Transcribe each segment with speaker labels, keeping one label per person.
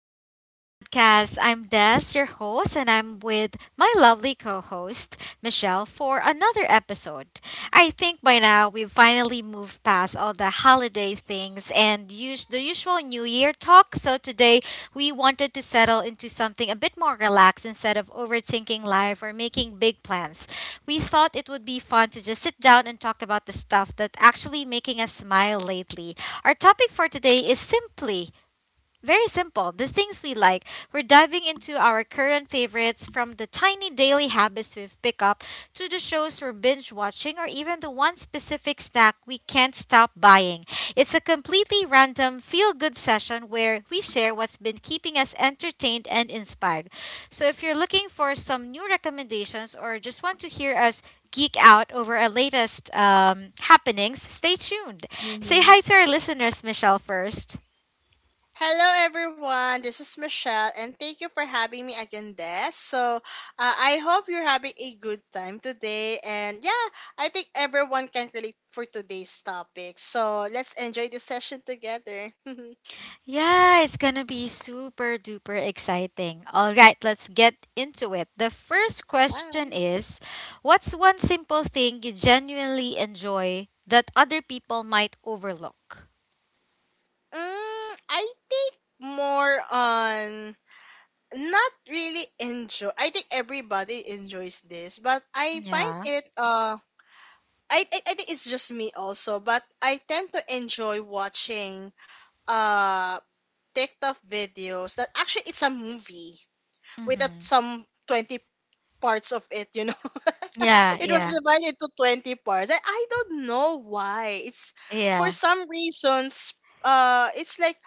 Speaker 1: back to the podcast. I'm Des, your host, and I'm with my lovely co host, Michelle, for another episode. I think by now we've finally moved past all the holiday things and use the usual New Year talk. So today we wanted to settle into something a bit more relaxed instead of overthinking life or making big plans. We thought it would be fun to just sit down and talk about the stuff that actually making us smile lately. Our topic for today is simply very simple. The things we like. We're diving into our current favorites from the tiny daily habits we've picked up to the shows we're binge watching or even the one specific snack we can't stop buying. It's a completely random feel good session where we share what's been keeping us entertained and inspired. So if you're looking for some new recommendations or just want to hear us geek out over our latest happenings, stay tuned. Say hi
Speaker 2: Mm-hmm.
Speaker 1: to our listeners, Michelle, first.
Speaker 2: Hello, everyone. This is Michelle, and thank you for having me again, Des. So, I hope you're having a good time today. And yeah, I think everyone can relate for today's topic. So, let's enjoy the session together.
Speaker 1: Yeah, it's gonna be super duper exciting. All right, let's get into it. The first question
Speaker 2: Wow.
Speaker 1: is: what's one simple thing you genuinely enjoy that other people might overlook?
Speaker 2: I think more on not really enjoy. I think everybody enjoys this, but I find
Speaker 1: Yeah.
Speaker 2: it, I think it's just me also, but I tend to enjoy watching uh TikTok videos that actually it's a movie with a,
Speaker 1: Mm-hmm.
Speaker 2: some 20 parts of it.
Speaker 1: Yeah,
Speaker 2: It was
Speaker 1: yeah,
Speaker 2: divided into 20 parts. I don't know why. It's for
Speaker 1: yeah,
Speaker 2: some reasons. It's like,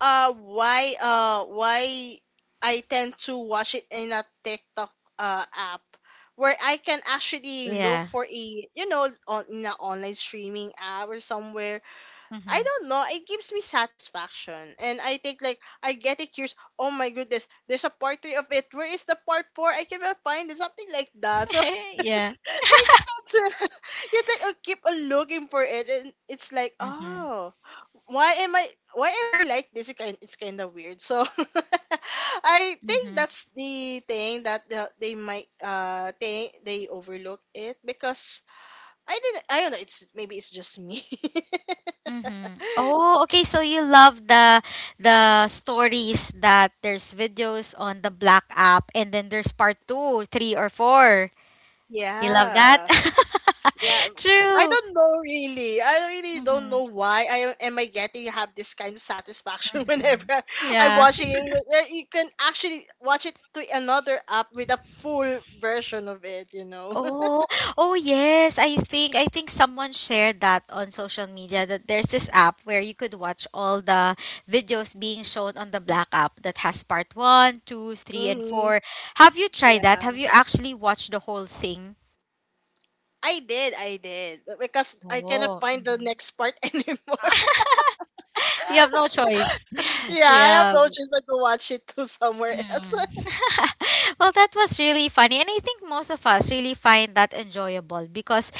Speaker 2: why I tend to watch it in a TikTok app where I can actually look
Speaker 1: yeah.
Speaker 2: for a, on in an online streaming app or somewhere. I
Speaker 1: Mm-hmm.
Speaker 2: don't know. It gives me satisfaction. And I think, like, I get it curious. Oh my goodness, there's a part three of it. Where is the part four? I cannot find it. Something like that. So
Speaker 1: yeah.
Speaker 2: you think you think I keep on looking for it, and it's like,
Speaker 1: Mm-hmm.
Speaker 2: oh, why am I why am I like this? It's kinda weird. So I think
Speaker 1: Mm-hmm.
Speaker 2: that's the thing that they might think they overlook it because I don't know, it's just me.
Speaker 1: Mm-hmm. Oh, okay. So you love the stories that there's videos on the Black app, and then there's part two, three, or four. You love that?
Speaker 2: Yeah. Yeah. I
Speaker 1: True.
Speaker 2: don't know really. I really don't
Speaker 1: Hmm.
Speaker 2: know why I am I getting have this kind of satisfaction whenever
Speaker 1: Hmm.
Speaker 2: I- I'm
Speaker 1: Yeah.
Speaker 2: watching it. You can actually watch it to another app with a full version of it.
Speaker 1: Oh, oh yes. I think someone shared that on social media that there's this app where you could watch all the videos being shown on the Black app that has part one, two, three, and
Speaker 2: Hmm.
Speaker 1: four. Have you tried that?
Speaker 2: Yeah.
Speaker 1: Have you actually watched the whole thing?
Speaker 2: I did, I did. Because I cannot
Speaker 1: Oh.
Speaker 2: find the
Speaker 1: Mhm.
Speaker 2: next part anymore.
Speaker 1: You have no choice.
Speaker 2: Yeah, I have
Speaker 1: Yeah.
Speaker 2: no choice but to watch it to somewhere else.
Speaker 1: Mm. Well, that was really funny. And I think most of us really find that enjoyable because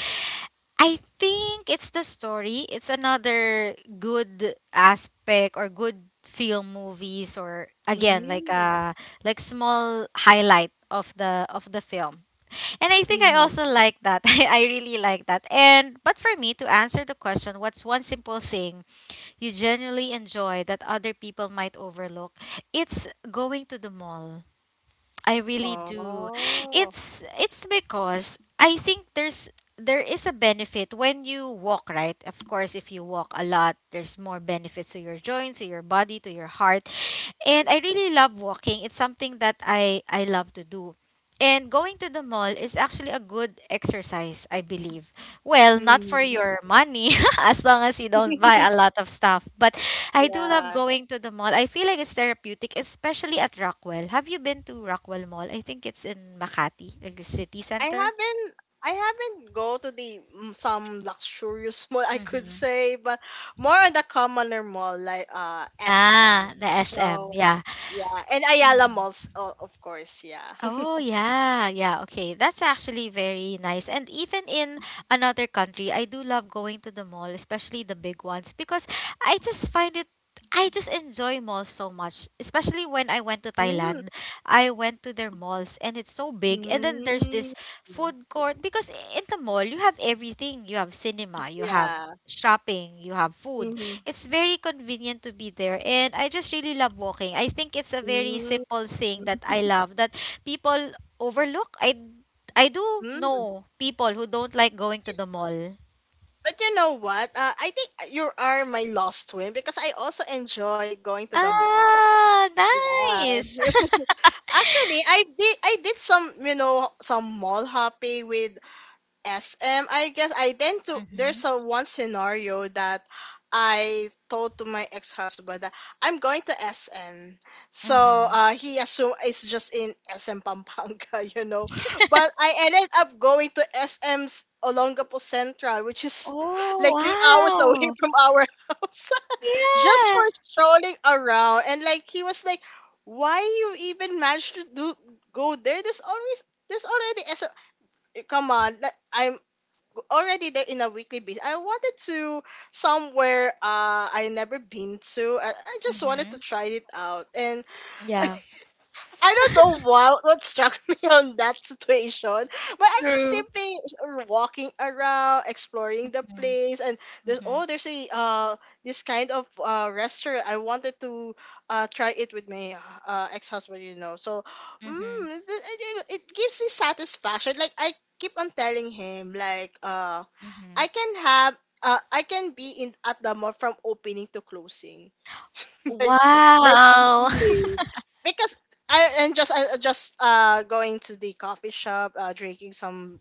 Speaker 1: I think it's the story. It's another good aspect or good film movies or again like
Speaker 2: Mm-hmm.
Speaker 1: uh like small highlight of the film. And I think I also like that. I really like that. And but for me to answer the question, what's one simple thing you genuinely enjoy that other people might overlook? It's going to the mall. I really do.
Speaker 2: Oh.
Speaker 1: It's because I think there is a benefit when you walk, right? Of course, if you walk a lot, there's more benefits to your joints, to your body, to your heart. And I really love walking. It's something that I love to do. And going to the mall is actually a good exercise, I believe. Well, not for
Speaker 2: Mm.
Speaker 1: your money, as long as you don't buy a lot of stuff, but I do love
Speaker 2: Yeah.
Speaker 1: going to the mall. I feel like it's therapeutic, especially at Rockwell. Have you been to Rockwell Mall? I think it's in Makati, like the city
Speaker 2: I
Speaker 1: center.
Speaker 2: haven't I haven't go to some luxurious mall I could
Speaker 1: Mm-hmm.
Speaker 2: say, but more on the commoner mall like
Speaker 1: Ah,
Speaker 2: SM.
Speaker 1: the SM.
Speaker 2: So
Speaker 1: Yeah.
Speaker 2: yeah, and Ayala
Speaker 1: Mhm.
Speaker 2: malls, of course, yeah.
Speaker 1: Oh yeah, yeah. Okay, that's actually very nice. And even in another country, I do love going to the mall, especially the big ones, because I just find it. I just enjoy malls so much, especially when I went to
Speaker 2: Mm,
Speaker 1: Thailand. I went to their malls and it's so big. And then there's
Speaker 2: mm,
Speaker 1: this food court because in the mall you have everything. You have cinema, you have
Speaker 2: yeah.
Speaker 1: shopping, you have food.
Speaker 2: Mm,
Speaker 1: It's very convenient to be there and I just really love walking. I think it's a very
Speaker 2: mm,
Speaker 1: simple thing that I love that people overlook. I do
Speaker 2: mm.
Speaker 1: know people who don't like going to the mall.
Speaker 2: But you know what? I think you are my lost twin because I also enjoy going to the mall.
Speaker 1: Ah,
Speaker 2: Yeah.
Speaker 1: nice.
Speaker 2: Actually, I did some mall hopping with. Yes, I guess I tend to.
Speaker 1: Mm-hmm.
Speaker 2: There's a one scenario that I told to my ex-husband that I'm going to SM. So
Speaker 1: Mm-hmm.
Speaker 2: uh, he assumed it's just in SM Pampanga. But I ended up going to SM's Olongapo Central, which is
Speaker 1: Oh,
Speaker 2: like 3 hours away
Speaker 1: wow.
Speaker 2: from our house, just for
Speaker 1: Yeah.
Speaker 2: strolling around. And like he was like, "Why you even managed to do go there? There's already SM." Come on, I'm already there in a weekly basis. I wanted to somewhere I never been to. I just wanted
Speaker 1: Mm-hmm.
Speaker 2: to try it out, and
Speaker 1: Yeah.
Speaker 2: I don't know what struck me on that situation, but I just
Speaker 1: True.
Speaker 2: simply walking around, exploring the
Speaker 1: Mm-hmm.
Speaker 2: place, and there's
Speaker 1: Mm-hmm.
Speaker 2: oh, there's a this kind of restaurant I wanted to try it with my ex husband. So,
Speaker 1: Mm-hmm.
Speaker 2: it gives me satisfaction. Like I keep on telling him, like, I
Speaker 1: Hmm.
Speaker 2: can have I can be in at the mall from opening to closing like like
Speaker 1: Wow.
Speaker 2: really, because I and just I just going to the coffee shop, drinking some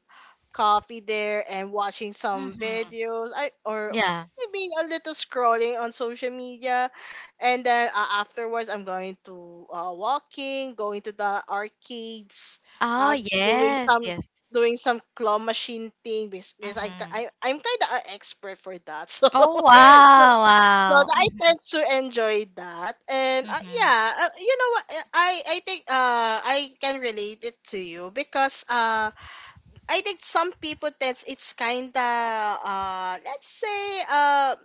Speaker 2: coffee there and watching some
Speaker 1: Mm-hmm.
Speaker 2: videos, I or
Speaker 1: Yeah.
Speaker 2: maybe a little scrolling on social media, and then afterwards I'm going to the arcades,
Speaker 1: Oh,
Speaker 2: doing
Speaker 1: yes,
Speaker 2: some
Speaker 1: yes.
Speaker 2: claw machine thing, because, because I,
Speaker 1: Mm-hmm.
Speaker 2: I I'm kind of an expert for that. So
Speaker 1: Oh, wow,
Speaker 2: So
Speaker 1: wow.
Speaker 2: I
Speaker 1: Mm-hmm.
Speaker 2: tend to enjoy that, and,
Speaker 1: Mm-hmm.
Speaker 2: yeah, you know what? I think I can relate it to you because, I think some people tends, it's kinda, let's say,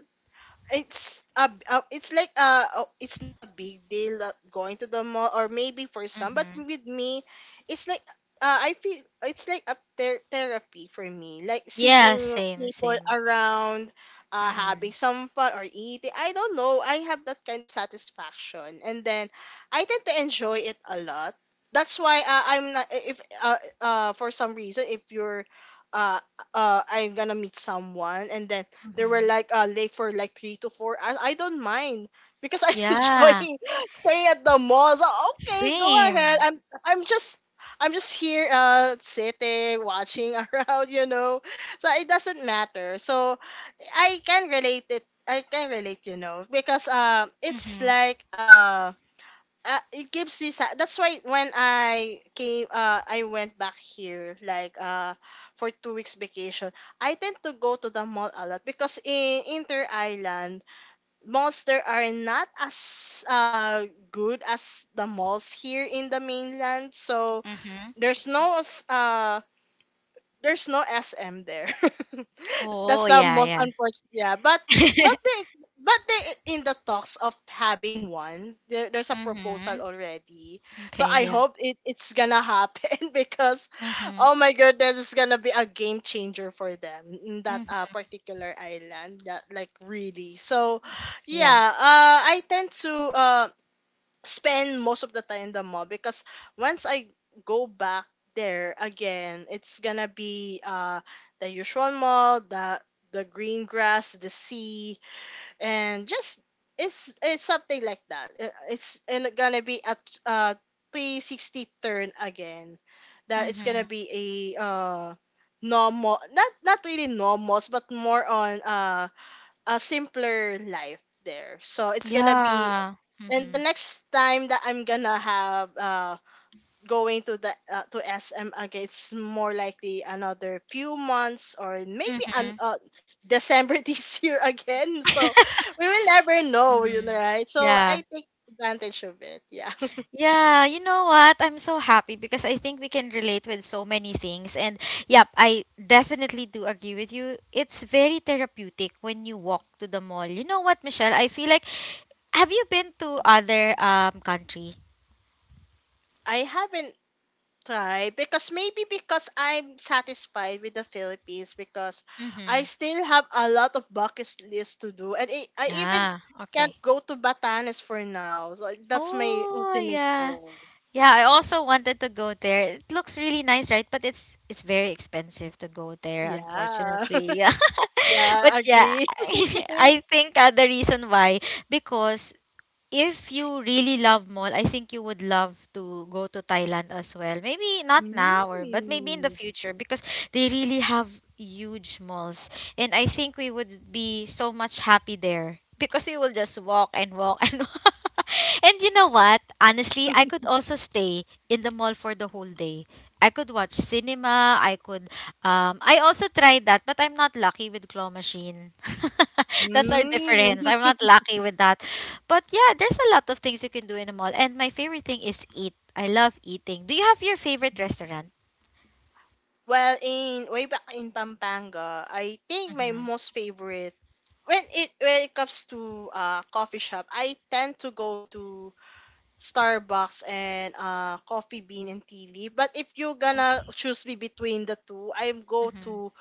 Speaker 2: it's a it's like, it's not a big deal, going to the mall, or maybe for some, but
Speaker 1: Mm-hmm.
Speaker 2: with me it's like, I feel it's like a therapy for me, like
Speaker 1: Yeah,
Speaker 2: seeing
Speaker 1: same,
Speaker 2: people
Speaker 1: same.
Speaker 2: around, having
Speaker 1: Mm-hmm.
Speaker 2: some fun or eating. I don't know. I have that kind of satisfaction, and then I tend to enjoy it a lot. That's why, I'm not if for some reason, if you're uh I'm gonna meet someone, and then they were
Speaker 1: Mhm.
Speaker 2: like late for like three to four. I don't mind because I enjoy
Speaker 1: Yeah,
Speaker 2: staying at the mall. So, okay, go ahead.
Speaker 1: same.
Speaker 2: I'm just I'm just here, sitting, watching around. So it doesn't matter. So I can relate, because it's
Speaker 1: Mhm.
Speaker 2: like it gives me that's why when I came, I went back here like for 2 weeks vacation. I tend to go to the mall a lot because in Inter Island malls there are not as good as the malls here in the mainland, so
Speaker 1: Mhm.
Speaker 2: there's no s- uh there's no SM there.
Speaker 1: Oh,
Speaker 2: That's the
Speaker 1: yeah,
Speaker 2: most
Speaker 1: yeah.
Speaker 2: unfortunate. Yeah, but they but they in the talks of having one. There's a proposal
Speaker 1: Mhm.
Speaker 2: already, so
Speaker 1: Okay,
Speaker 2: I
Speaker 1: yeah.
Speaker 2: hope it's gonna happen, because,
Speaker 1: Mhm.
Speaker 2: oh my goodness, it's gonna be a game changer for them in that,
Speaker 1: Mhm.
Speaker 2: particular island. That like really. So,
Speaker 1: Yeah.
Speaker 2: yeah. I tend to spend most of the time in the mall because once I go back there again, it's gonna be the usual mall, the green grass, the sea, and just it's something like that. It's and gonna be at uh 360 turn again. That it's gonna
Speaker 1: Mhm.
Speaker 2: be a, normal, not really normals, but more on a simpler life there. So it's gonna be.
Speaker 1: Yeah.
Speaker 2: And the
Speaker 1: Mhm.
Speaker 2: next time that I'm gonna have, going to the to SM again, it's more likely another few months or maybe an
Speaker 1: Mhm.
Speaker 2: December this year again. So we will never know, you know,
Speaker 1: Mhm.
Speaker 2: right? So
Speaker 1: Yeah.
Speaker 2: I take advantage of it. Yeah.
Speaker 1: Yeah, you know what? I'm so happy because I think we can relate with so many things. And yep, I definitely do agree with you. It's very therapeutic when you walk to the mall. You know what, Michelle? I feel like, have you been to other countries?
Speaker 2: I haven't. Right, because I'm satisfied with the Philippines because I
Speaker 1: Mhm.
Speaker 2: still have a lot of bucket list to do, and I even
Speaker 1: Ah,
Speaker 2: can't
Speaker 1: okay.
Speaker 2: go to Batanes for now. So that's my
Speaker 1: Oh,
Speaker 2: ultimate
Speaker 1: yeah.
Speaker 2: goal.
Speaker 1: Yeah, I also wanted to go there. It looks really nice, right? But it's very expensive to go there,
Speaker 2: Yeah.
Speaker 1: unfortunately. Yeah. But
Speaker 2: Yeah,
Speaker 1: yeah,
Speaker 2: agree.
Speaker 1: I think the reason why, because if you really love mall, I think you would love to go to Thailand as well. Maybe not now or but maybe in the
Speaker 2: Mm.
Speaker 1: future because they really have huge malls and I think we would be so much happy there because we will just walk and walk and walk. And you know what? Honestly, I could also stay in the mall for the whole day. I could watch cinema. I could. I also tried that, but I'm not lucky with claw machine. That's our
Speaker 2: Mm.
Speaker 1: difference. I'm not lucky with that. But yeah, there's a lot of things you can do in a mall. And my favorite thing is eat. I love eating. Do you have your favorite restaurant?
Speaker 2: Well, in way back in Pampanga, I think my
Speaker 1: Mm-hmm.
Speaker 2: most favorite, when it comes to coffee shop, I tend to go to Starbucks and Coffee Bean and Tea Leaf. But if you're gonna
Speaker 1: Okay.
Speaker 2: choose me between the two, I go
Speaker 1: Mm-hmm.
Speaker 2: to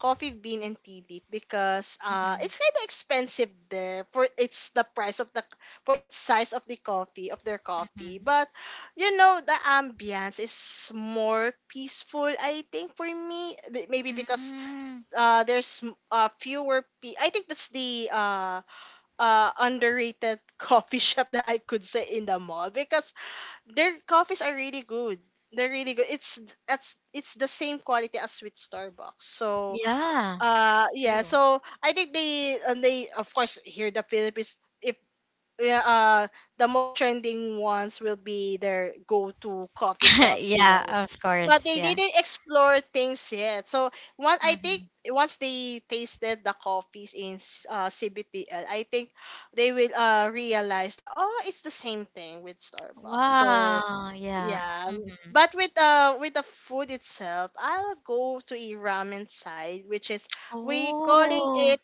Speaker 2: Coffee Bean and Tea Leaf because,
Speaker 1: Mm-hmm.
Speaker 2: it's kind of expensive there, for its size of their coffee.
Speaker 1: Mm-hmm.
Speaker 2: But you know the ambience is more peaceful. I think for me, maybe because
Speaker 1: Mm,
Speaker 2: there's, fewer, I think that's the, underrated coffee shop that I could say in the mall, because their coffees are really good. They're really good. It's the same quality as with Starbucks. So,
Speaker 1: yeah.
Speaker 2: yeah,
Speaker 1: True.
Speaker 2: so I think they, of course, here in the Philippines, if yeah, the most trending ones will be their go-to coffee shops, you
Speaker 1: Yeah,
Speaker 2: know.
Speaker 1: of
Speaker 2: But
Speaker 1: course.
Speaker 2: they
Speaker 1: Yeah.
Speaker 2: didn't explore things yet. So one, I think
Speaker 1: Mm-hmm.
Speaker 2: once they tasted the coffees in, CBTL, I think they will, realize that, oh, it's the same thing with Starbucks. So
Speaker 1: Wow. Yeah.
Speaker 2: yeah,
Speaker 1: Mm-hmm.
Speaker 2: but with the food itself, I'll go to a ramen side, which is, we calling
Speaker 1: Oh.
Speaker 2: it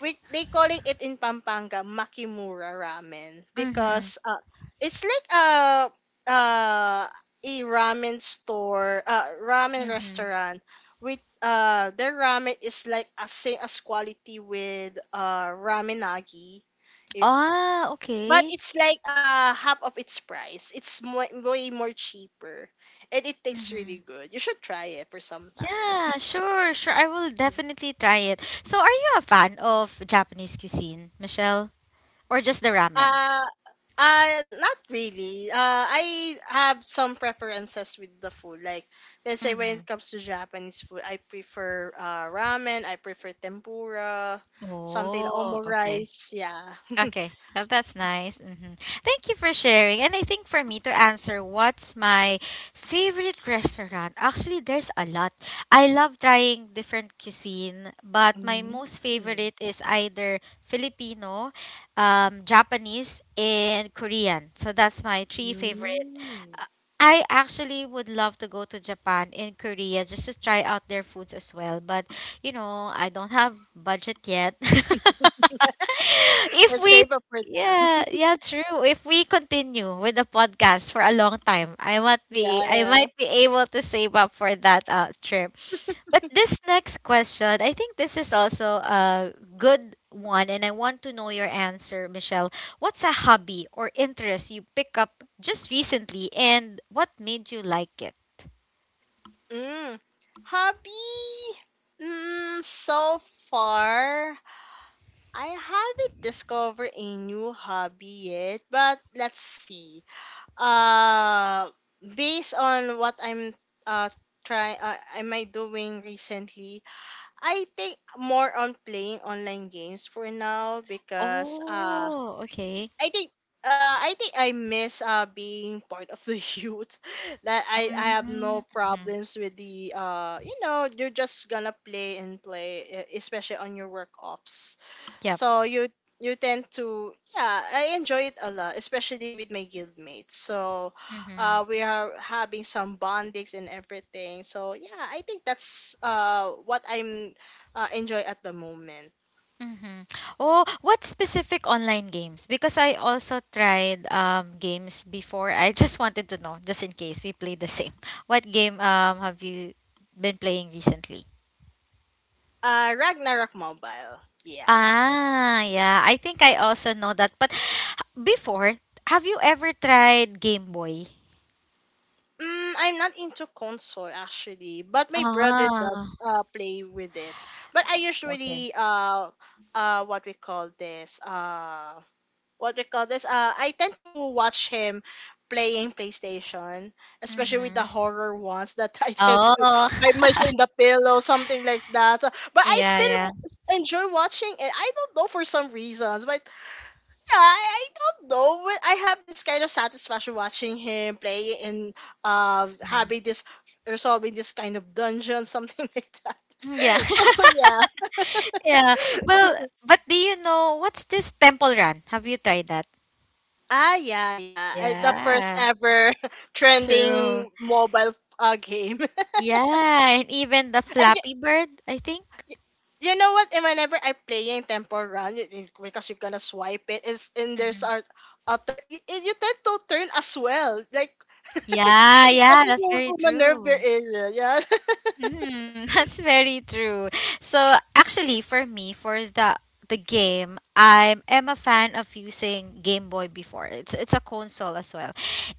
Speaker 2: we they calling it in Pampanga Makimura ramen,
Speaker 1: Mm-hmm.
Speaker 2: because it's like uh a ramen store, ramen
Speaker 1: Mm-hmm.
Speaker 2: restaurant with their ramen is like as same as quality with ramenagi,
Speaker 1: Ah,
Speaker 2: but
Speaker 1: okay.
Speaker 2: it's like half of its price. It's way more cheaper, and it tastes really
Speaker 1: Mm-hmm.
Speaker 2: good. You should try it for some time.
Speaker 1: Yeah, sure, sure. I will definitely try it. So, are you a fan of Japanese cuisine, Michelle? Or just the ramen?
Speaker 2: Uh, Not really. I have some preferences with the food. Like, let's say when
Speaker 1: Mhm.
Speaker 2: it comes to Japanese food, I prefer ramen. I prefer tempura, something
Speaker 1: Oh, okay.
Speaker 2: omurice. Yeah.
Speaker 1: Okay. Well, that's nice. Hmm. Thank you for sharing. And I think for me to answer what's my favorite restaurant, actually, there's a lot. I love trying different cuisine, but my
Speaker 2: Mm.
Speaker 1: most favorite is either Filipino, Japanese, and Korean. So that's my three favorite.
Speaker 2: Mm.
Speaker 1: Uh, I actually would love to go to Japan and Korea just to try out their foods as well, but you know, I don't have budget yet. If
Speaker 2: Let's
Speaker 1: we
Speaker 2: save up for
Speaker 1: yeah,
Speaker 2: that.
Speaker 1: yeah, true. If we continue with the podcast for a long time, I
Speaker 2: Yeah.
Speaker 1: might be able to save up for that trip. But this next question, I think this is also a good one, and I want to know your answer, Michelle. What's a hobby or interest you pick up just recently, and what made you like it?
Speaker 2: Mm, hobby? So far, I haven't discovered a new hobby yet, but let's see. Uh, based on what I'm uh trying, am I doing recently? I think more on playing online games for now, because
Speaker 1: Oh, okay.
Speaker 2: I think I think I miss being part of the youth that I have no
Speaker 1: Mm-hmm.
Speaker 2: problems with the you're just gonna play and play, especially on your work offs. So you tend to, yeah, I enjoy it a lot, especially with my guildmates. So
Speaker 1: Mhm.
Speaker 2: we are having some bondings and everything. So yeah, I think that's what I'm enjoy at the moment.
Speaker 1: Mhm. Oh, what specific online games? Because I also tried games before. I just wanted to know, just in case we play the same. What game have you been playing recently?
Speaker 2: Ragnarok Mobile, yeah.
Speaker 1: Ah, yeah. I think I also know that. But before, have you ever tried Game Boy?
Speaker 2: Mm, I'm not into console, actually, but my brother
Speaker 1: Ah,
Speaker 2: does play with it. But I
Speaker 1: okay.
Speaker 2: usually, what we call this what we call this I tend to watch him playing PlayStation, especially with the
Speaker 1: Mhm.
Speaker 2: horror ones that I tend to
Speaker 1: Oh.
Speaker 2: hide myself in the pillow, something like that. But I
Speaker 1: Yeah, yeah.
Speaker 2: still enjoy watching it. I don't know for some reasons, but yeah, I don't know. When I have this kind of satisfaction watching him play and
Speaker 1: Mhm.
Speaker 2: having this or solving this kind of dungeon, something like that.
Speaker 1: Yeah.
Speaker 2: So yeah.
Speaker 1: Yeah. Well, but do you know what's this temple run? Have you tried that?
Speaker 2: Ah, yeah, yeah. The first
Speaker 1: Yeah.
Speaker 2: ever
Speaker 1: True.
Speaker 2: trending mobile game.
Speaker 1: Yeah, and even the
Speaker 2: And you,
Speaker 1: Flappy Bird, I think.
Speaker 2: you know what? And whenever I playing Temple Run, because you're gonna swipe it, is, and there's
Speaker 1: Hmm.
Speaker 2: a turn, you tend to turn as well. Like,
Speaker 1: Yeah,
Speaker 2: as
Speaker 1: yeah,
Speaker 2: if
Speaker 1: that's
Speaker 2: you
Speaker 1: very
Speaker 2: Minerva
Speaker 1: true.
Speaker 2: area, yeah.
Speaker 1: Hmm. That's very true. So actually, for me, for the game, I am a fan of using Game Boy before. It's a console as well,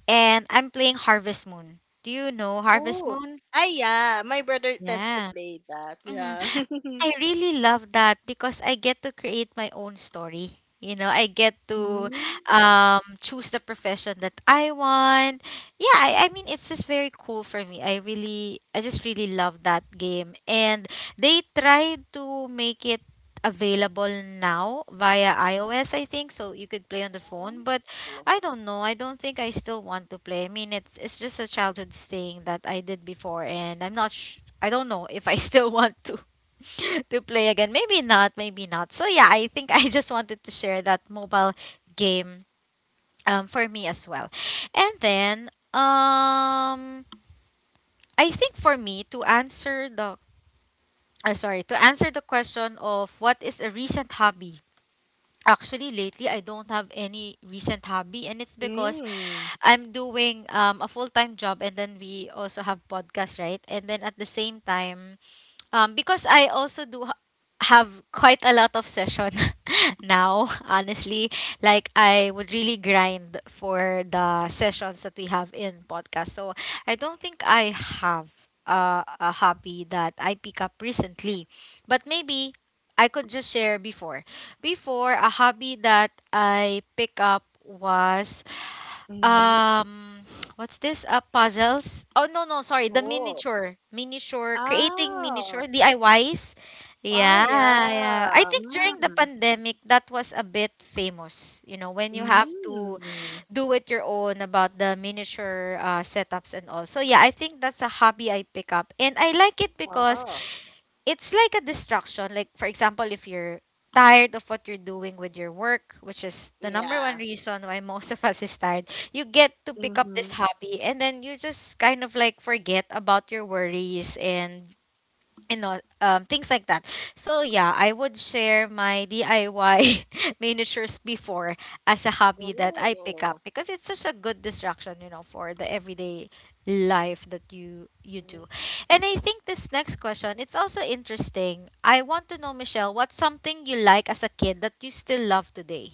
Speaker 1: and I'm playing Harvest Moon. Do you know Harvest
Speaker 2: Ooh.
Speaker 1: Moon?
Speaker 2: Ah, yeah. My brother tends to
Speaker 1: Yeah.
Speaker 2: play that. Yeah.
Speaker 1: I really love that because I get to create my own story. You know, I get to
Speaker 2: Mm.
Speaker 1: choose the profession that I want. Yeah, I mean, it's just very cool for me. I just really love that game. And they tried to make it available now via iOS, I think, so you could play on the phone. But
Speaker 2: Ooh.
Speaker 1: I don't know. I don't think I still want to play. I mean, it's just a childhood thing that I did before, and I'm not. Sh- I don't know if I still want to. To play again. Maybe not, maybe not. So yeah, I think I just wanted to share that mobile game for me as well. And then um, I think for me to answer the to answer the question of what is a recent hobby. Actually, lately I don't have any recent hobby, and it's because
Speaker 2: Mm.
Speaker 1: I'm doing a full time job, and then we also have podcast, right? And then at the same time, um, because I also have quite a lot of session now, honestly. Like I would really grind for the sessions that we have in podcast. So I don't think I have a hobby that I pick up recently, but maybe I could just share before. Before a hobby that I pick up was
Speaker 2: Mm.
Speaker 1: um, what's this puzzles oh no no sorry the
Speaker 2: Oh.
Speaker 1: miniature miniature creating
Speaker 2: Ah.
Speaker 1: miniature DIYs,
Speaker 2: Oh,
Speaker 1: yeah,
Speaker 2: yeah.
Speaker 1: yeah. I think during the pandemic that was a bit famous, you know, when you have
Speaker 2: Mm.
Speaker 1: to
Speaker 2: Mm.
Speaker 1: do it your own about the miniature setups and all. So yeah, I think that's a hobby I pick up and I like it because
Speaker 2: Oh,
Speaker 1: it's like a distraction. Like, for example, if you're tired of what you're doing with your work, which is the number one
Speaker 2: yeah.
Speaker 1: reason why most of us is tired, you get to pick up this
Speaker 2: Mm-hmm.
Speaker 1: hobby and then you just kind of like forget about your worries and things like that so yeah I would share my DIY miniatures before as a hobby that I pick up
Speaker 2: Oh.
Speaker 1: because it's such a good distraction you know for the everyday life that you do. And I think this next question, it's also interesting. I want to know, Michelle, what's something you like as a kid that you still love today?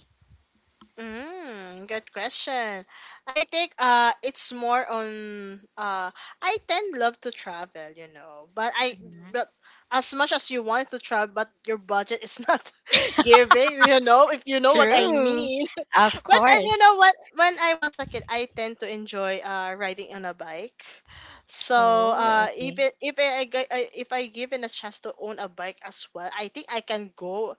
Speaker 2: Mm, good question. I think it's more on, I tend love to travel, you know. But I
Speaker 1: Mhm.
Speaker 2: but as much as you want to travel, but your budget is not giving, you know, if you know what I
Speaker 1: True.
Speaker 2: mean.
Speaker 1: Of
Speaker 2: But You
Speaker 1: course.
Speaker 2: know what, when I was a kid, I tend to enjoy riding on a bike. So
Speaker 1: Oh,
Speaker 2: if
Speaker 1: okay.
Speaker 2: it, if I, I- if I given a chance to own a bike as well, I think I can go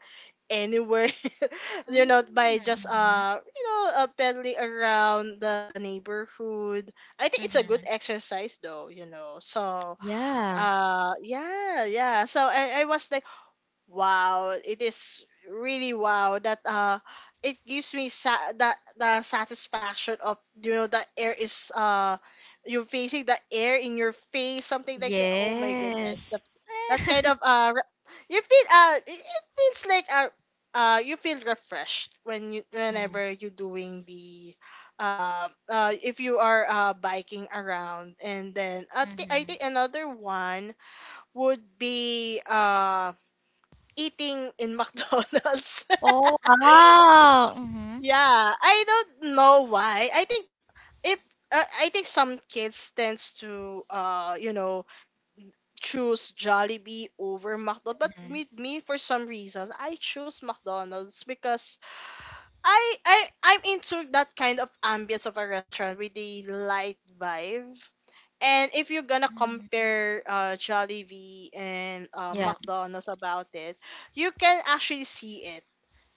Speaker 2: anywhere, you
Speaker 1: Mm,
Speaker 2: know, by just
Speaker 1: mhm,
Speaker 2: pedaling around the neighborhood. I think it's a good
Speaker 1: mhm.
Speaker 2: exercise, though, you know. So
Speaker 1: Yeah.
Speaker 2: yeah, yeah. So I was like, wow, it is really wow that it gives me that the satisfaction of, you know, the air is, you facing the air in your face, something like that. Oh, my goodness,
Speaker 1: Yes.
Speaker 2: that kind of you feel, it feels like, you feel refreshed
Speaker 1: Mhm,
Speaker 2: whenever you're doing the if you are biking around. And then I think I
Speaker 1: mhm.
Speaker 2: think another one would be eating in McDonald's.
Speaker 1: Oh, wow. Mhm.
Speaker 2: Yeah, I don't know why. I think if I think some kids tends to, choose Jollibee over McDonald's. But
Speaker 1: Mhm,
Speaker 2: with me, for some reasons, I choose McDonald's because I'm into that kind of ambience of a restaurant with the light vibe. And if you're gonna
Speaker 1: mhm.
Speaker 2: compare, Jollibee and,
Speaker 1: Yeah.
Speaker 2: McDonald's about it, you can actually see it.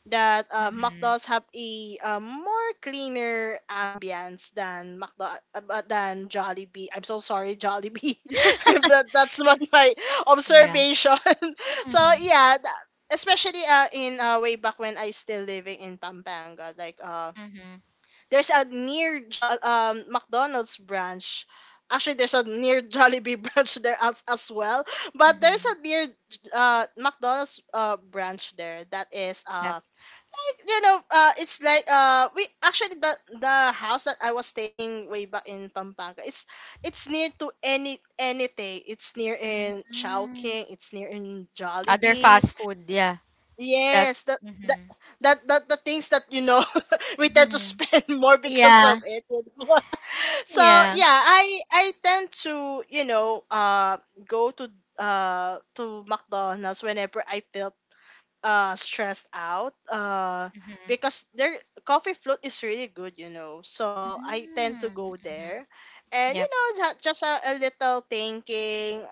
Speaker 2: That,
Speaker 1: Mhm.
Speaker 2: McDonald's have a, more cleaner ambience than than Jollibee. I'm so sorry, Jollibee, but that's what my
Speaker 1: Yeah.
Speaker 2: observation. So
Speaker 1: Mhm,
Speaker 2: yeah, especially, in, way back when I still living in Pampanga, like,
Speaker 1: mhm,
Speaker 2: there's a near McDonald's branch. Actually, there's a near Jollibee branch there, as well. But there's
Speaker 1: mhm.
Speaker 2: a near McDonald's branch there that is,
Speaker 1: Yep.
Speaker 2: like, you know, it's like, we actually the house that I was staying way back in Pampanga. It's near to anything. It's near in
Speaker 1: Mm.
Speaker 2: Chowking. It's near in
Speaker 1: Other
Speaker 2: Jollibee.
Speaker 1: fast food, yeah. That's
Speaker 2: Yes, that that
Speaker 1: Mhm,
Speaker 2: that that the things that, you know, we tend to
Speaker 1: mhm.
Speaker 2: spend more because
Speaker 1: Yeah.
Speaker 2: of it, you know. So
Speaker 1: Yeah.
Speaker 2: yeah, I tend to, you know, go to, to McDonald's whenever I felt, stressed out,
Speaker 1: Mhm,
Speaker 2: because their coffee float is really good, you know. So I tend to
Speaker 1: mm,
Speaker 2: go
Speaker 1: mhm.
Speaker 2: there, and, you
Speaker 1: Yep.
Speaker 2: know, just a little thinking,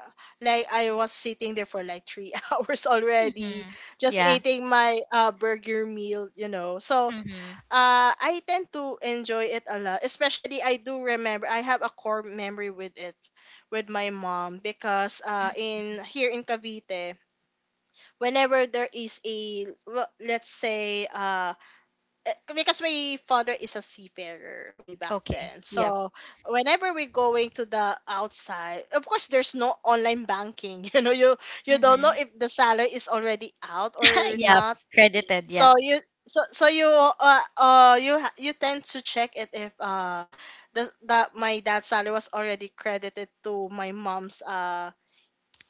Speaker 2: like I was sitting there for like 3 hours already,
Speaker 1: Mhm.
Speaker 2: just
Speaker 1: Yeah.
Speaker 2: eating my burger meal, you know. So
Speaker 1: Mhm,
Speaker 2: I tend to enjoy it a lot, especially I do remember I have a core memory with it with my mom, because
Speaker 1: mm.
Speaker 2: in here in Cavite, whenever there is a, let's say, because my father is a seafarer way back
Speaker 1: Okay.
Speaker 2: then.
Speaker 1: Yep.
Speaker 2: So whenever we're going to the outside, of course there's no online banking, you know, you don't know
Speaker 1: Mhm.
Speaker 2: if the salary is already out or
Speaker 1: Yep.
Speaker 2: not.
Speaker 1: Credited,
Speaker 2: So
Speaker 1: yep.
Speaker 2: you so so you, you tend to check it if, that my dad's salary was already credited to my mom's,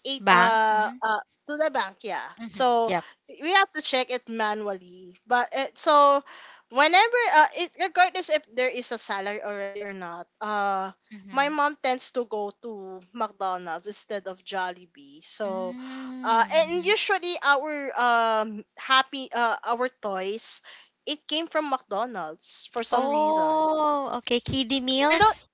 Speaker 2: eight
Speaker 1: Bank. Mhm,
Speaker 2: to the bank, yeah.
Speaker 1: mhm.
Speaker 2: So
Speaker 1: Yep.
Speaker 2: we have to check it manually. So whenever, regardless if there is a salary already or not, my
Speaker 1: Mhm.
Speaker 2: mom tends to go to McDonald's instead of Jollibee. So and
Speaker 1: Mm.
Speaker 2: usually our, happy, our toys, it came from McDonald's for some reasons.
Speaker 1: Oh, okay. Kiddie
Speaker 2: We don't
Speaker 1: meals?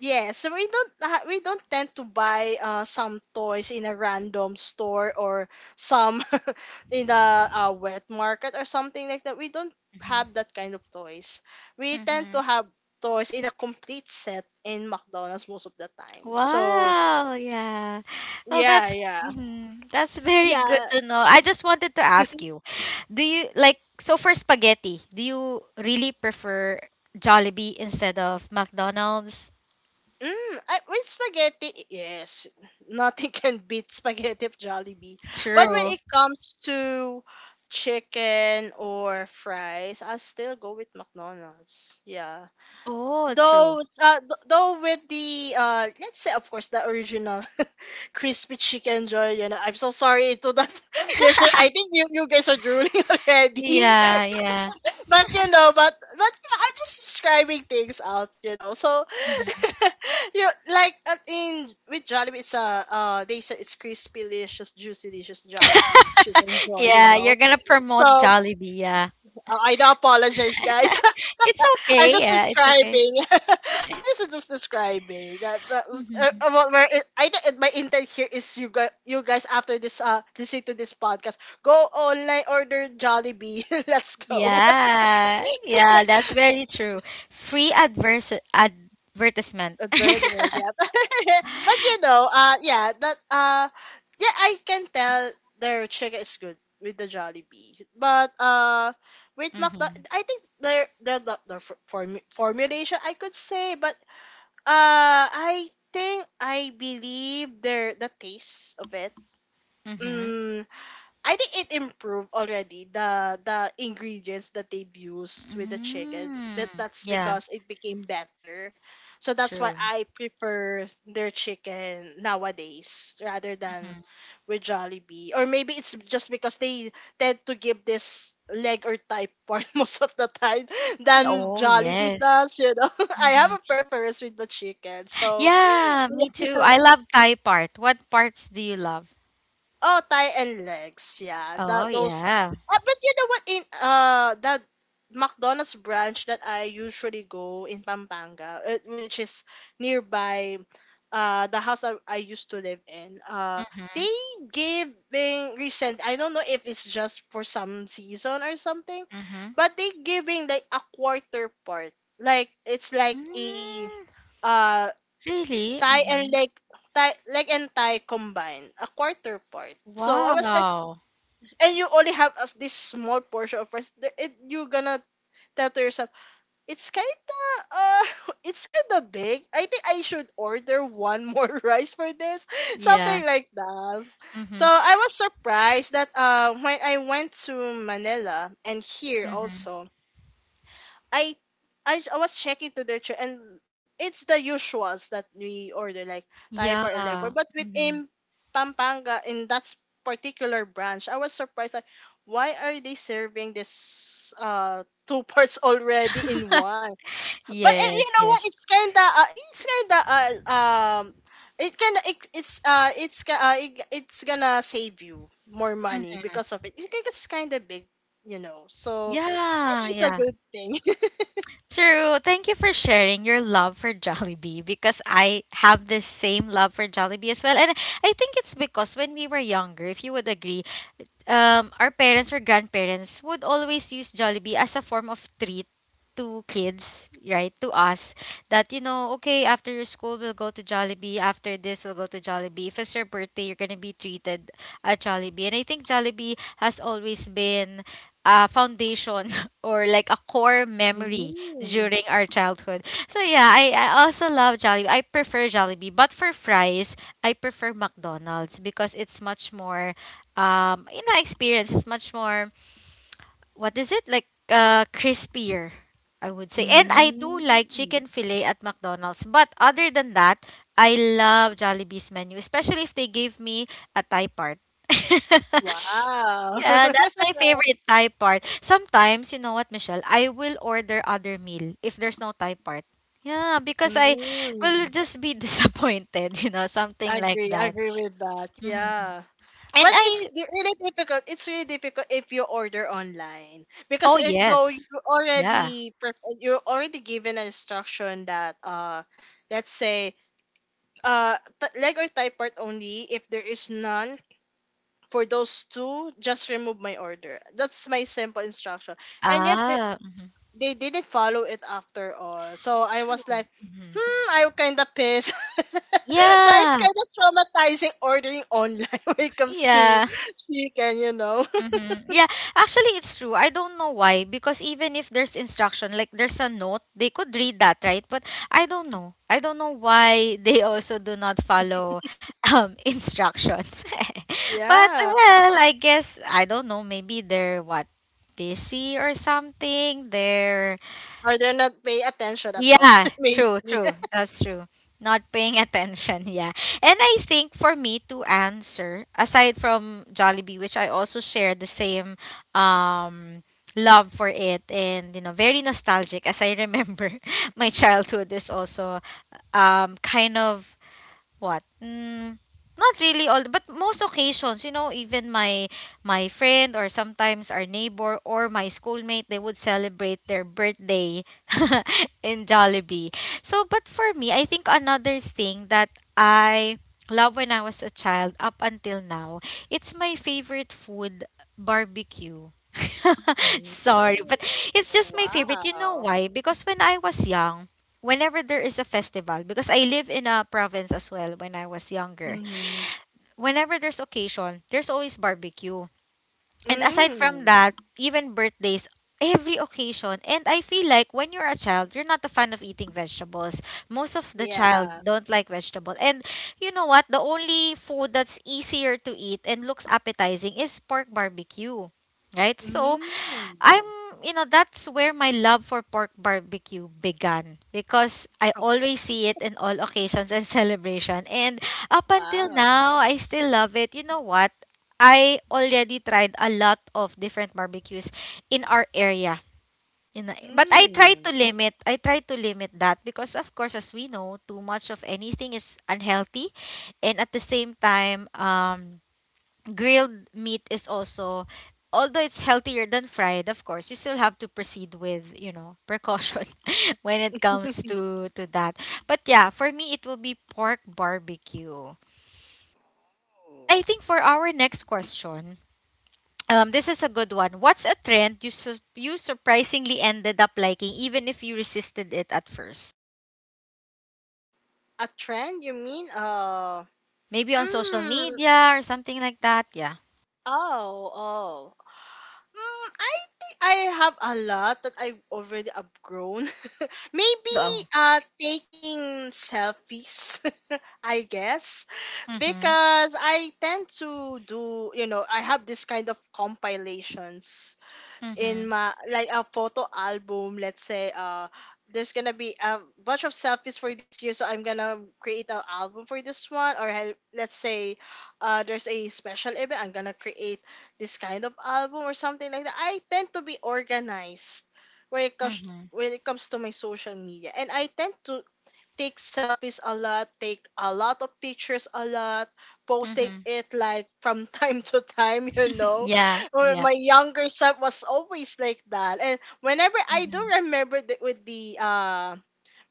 Speaker 2: Yeah, so we don't tend to buy some toys in a random store or some, in a, wet market or something like that. We don't have
Speaker 1: Hmm.
Speaker 2: that kind of toys. We tend
Speaker 1: Mm-hmm.
Speaker 2: to have toys in a complete set in McDonald's most of the time. So
Speaker 1: Wow, yeah. Well,
Speaker 2: yeah,
Speaker 1: that's
Speaker 2: yeah,
Speaker 1: hmm, that's very good
Speaker 2: yeah.
Speaker 1: to know. I just wanted to ask you, do you like, so for spaghetti, do you really prefer Jollibee instead of McDonald's?
Speaker 2: Mm, with spaghetti, yes, nothing can beat spaghetti of Jollibee. But when
Speaker 1: True.
Speaker 2: it comes to chicken or fries, I still go with McDonald's. Yeah,
Speaker 1: Oh, true.
Speaker 2: though with the, let's say, of course, the original crispy chicken joy. You know, I'm so sorry to the listener. I think you guys are drooling already.
Speaker 1: Yeah, yeah.
Speaker 2: But, you know, but yeah, I'm just describing things out, you know. So
Speaker 1: Mhm.
Speaker 2: you like, in with Jollibee, it's, they said it's crispy, delicious, juicy, delicious Jollibee chicken joy, you
Speaker 1: Yeah, you're
Speaker 2: know.
Speaker 1: gonna
Speaker 2: So,
Speaker 1: promote Jollibee, yeah.
Speaker 2: I do apologize, guys.
Speaker 1: It's
Speaker 2: I'm
Speaker 1: okay,
Speaker 2: just
Speaker 1: yeah, it's okay.
Speaker 2: describing. I'm just describing that. That was-
Speaker 1: Mm-hmm.
Speaker 2: what we're- it- I think it- My intent here is, you guys, after this, listening to this podcast, go online, order Jollibee. Let's go.
Speaker 1: Yeah, yeah, that's very true. Free advers advertisement.
Speaker 2: A burden, yeah. But, you know, yeah, I can tell their chicken is good with the Jollibee, but, with McDo,
Speaker 1: Mm-hmm.
Speaker 2: I think their form, formulation, I could say. But, uh, I I believe their the taste of it.
Speaker 1: Mm-hmm.
Speaker 2: Mm, I think it improved already the ingredients that they've used with the chicken. That
Speaker 1: Mm-hmm.
Speaker 2: that's
Speaker 1: Yeah,
Speaker 2: because it became better. So that's why
Speaker 1: true.
Speaker 2: I prefer their chicken nowadays rather than
Speaker 1: Hmm.
Speaker 2: with Jollibee. Or maybe it's just because they tend to give this leg or thigh part most of the time than
Speaker 1: Oh,
Speaker 2: Jollibee
Speaker 1: yes.
Speaker 2: does, you know. I have
Speaker 1: Mm-hmm.
Speaker 2: a preference with the chicken. So.
Speaker 1: Yeah, me too. I love Thai part. What parts do you love?
Speaker 2: Oh, thigh and legs. Yeah,
Speaker 1: Oh,
Speaker 2: that those.
Speaker 1: yeah.
Speaker 2: But you know what? In, that McDonald's branch that I usually go in Pampanga, which is nearby, the house I used to live in.
Speaker 1: Mm-hmm.
Speaker 2: They giving recent. I don't know if it's just for some season or something,
Speaker 1: Mm-hmm.
Speaker 2: but they giving like a quarter part. Like it's like a,
Speaker 1: Mm,
Speaker 2: uh
Speaker 1: really?
Speaker 2: Thai and
Speaker 1: Mm-hmm.
Speaker 2: leg, Thai leg and Thai combined, a quarter part. So I was like,
Speaker 1: Wow.
Speaker 2: and you only have us this small portion of rice. You gonna tell to yourself, it's kinda, uh, it's kinda big. I think I should order one more rice for this,
Speaker 1: Yeah.
Speaker 2: something like that.
Speaker 1: Mm-hmm.
Speaker 2: So I was surprised that, when I went to Manila and here
Speaker 1: Mm-hmm.
Speaker 2: also, I I was checking to their tray, and it's the usuals that we order, like Thai
Speaker 1: Yeah.
Speaker 2: part and leg part. But
Speaker 1: Mm-hmm.
Speaker 2: within Pampanga, in that, particular branch, I was surprised, like, why are they serving this, two parts already in one?
Speaker 1: Yes,
Speaker 2: You know what?
Speaker 1: yes.
Speaker 2: It's kinda, it's kinda, um it can it, it's ca- it, it's gonna save you more money because of it. It's kind of big, you know. So I
Speaker 1: Yeah,
Speaker 2: think it's a
Speaker 1: yeah.
Speaker 2: good thing.
Speaker 1: True. Thank you for sharing your love for Jollibee, because I have this same love for Jollibee as well. And I think it's because when we were younger, if you would agree, our parents or grandparents would always use Jollibee as a form of treat to kids, right? To us. That, you know, okay, after your school, we'll go to Jollibee. After this, we'll go to Jollibee. If it's your birthday, you're going to be treated at Jollibee. And I think Jollibee has always been a foundation or like a core memory
Speaker 2: Mm.
Speaker 1: during our childhood. So yeah, I also love Jollibee. I prefer Jollibee. But for fries, I prefer McDonald's because it's much more, um, you know, experience is much more, what is it like, crispier, I would say. And I do
Speaker 2: Mm.
Speaker 1: like chicken fillet at McDonald's, but other than that, I love Jollibee's menu, especially if they give me a Thai part.
Speaker 2: Wow.
Speaker 1: Yeah, that's my favorite Thai part. Sometimes, you know what, Michelle, I will order other meal if there's no Thai part. Yeah, because I will
Speaker 2: Mm,
Speaker 1: just be disappointed, you know, something like
Speaker 2: agree,
Speaker 1: that.
Speaker 2: agree with that.
Speaker 1: Hmm.
Speaker 2: Yeah.
Speaker 1: And
Speaker 2: But
Speaker 1: I,
Speaker 2: really difficult. It's really difficult if you order online because
Speaker 1: oh
Speaker 2: though you
Speaker 1: yes, yeah.
Speaker 2: already, you already given an instruction that, let's say, leg or thigh part only, if there is none for those two, just remove my order. That's my simple instruction. And yet
Speaker 1: Ah,
Speaker 2: they didn't follow it after all. So I was
Speaker 1: true.
Speaker 2: like,
Speaker 1: Mhm.
Speaker 2: hmm, I kind of pissed. So it's
Speaker 1: Yeah.
Speaker 2: kind of traumatizing ordering online when it comes to
Speaker 1: Yeah.
Speaker 2: chicken, you know.
Speaker 1: Hmm. Yeah, actually it's true. I don't know why, because even if there's instruction, like there's a note, they could read that, right? But I don't know. I don't know why they also do not follow instructions. But
Speaker 2: Yeah.
Speaker 1: well, I guess I don't know, maybe they're what, busy or something. They're
Speaker 2: Or they're not paying attention at all,
Speaker 1: Yeah,
Speaker 2: maybe.
Speaker 1: true, true. That's true. Not paying attention, yeah. And I think for me to answer, aside from Jollibee, which I also share the same, um, love for it, and you know, very nostalgic as I remember my childhood is also, um, kind of, what? Mm, not really all, but most occasions, you know, even my my friend or sometimes our neighbor or my schoolmate, they would celebrate their birthday in Jollibee. So, but for me, I think another thing that I love when I was a child up until now, it's my favorite food, barbecue. Sorry,
Speaker 2: Ooh,
Speaker 1: but it's just my favorite. You know
Speaker 2: wow.
Speaker 1: why? Because when I was young, whenever there is a festival, because I live in a province as well when I was younger,
Speaker 2: Mm-hmm.
Speaker 1: whenever there's occasion, there's always barbecue. And aside from
Speaker 2: Mm.
Speaker 1: that, even birthdays, every occasion. And I feel like when you're a child, you're not a fan of eating vegetables. Most of the child
Speaker 2: Yeah.
Speaker 1: don't like vegetable. And you know what? The only food that's easier to eat and looks appetizing is pork barbecue. Right? So,
Speaker 2: Mm.
Speaker 1: I'm, you know, that's where my love for pork barbecue began because I
Speaker 2: Oh,
Speaker 1: always see it in all occasions and celebration. And up until
Speaker 2: wow.
Speaker 1: now, I still love it. You know what? I already tried a lot of different barbecues in our area. But I try
Speaker 2: Mm.
Speaker 1: to limit. I try to limit that because of course as we know, too much of anything is unhealthy, and at the same time, um, grilled meat is also, although it's healthier than fried, of course, you still have to proceed with, you know, precaution when it comes to that. But yeah, for me it will be pork barbecue. And
Speaker 2: Ooh.
Speaker 1: I think for our next question, this is a good one. What's a trend you you surprisingly ended up liking, even if you resisted it at first?
Speaker 2: A trend, you mean?
Speaker 1: Maybe on social
Speaker 2: Mm.
Speaker 1: media or something like that. Yeah.
Speaker 2: Oh, oh. Mm, I think I have a lot that I've already outgrown.
Speaker 1: Mm,
Speaker 2: Maybe
Speaker 1: go.
Speaker 2: taking selfies, I guess,
Speaker 1: Mhm.
Speaker 2: because I tend to do, you know, I have this kind of compilations in
Speaker 1: Mhm.
Speaker 2: my like a photo album, let's say, there's gonna be a bunch of selfies for this year, so I'm gonna create an album for this one. Or let's say there's a special event, I'm gonna create this kind of album or something like that. I tend to be organized when it comes
Speaker 1: Mhm.
Speaker 2: when it comes to my social media, and I tend to take selfies a lot, take a lot of pictures a lot, posting
Speaker 1: Mhm.
Speaker 2: it like from time to time, you know.
Speaker 1: Yeah.
Speaker 2: Well,
Speaker 1: Yeah.
Speaker 2: my younger self was always like that. And whenever I do
Speaker 1: Mhm.
Speaker 2: remember the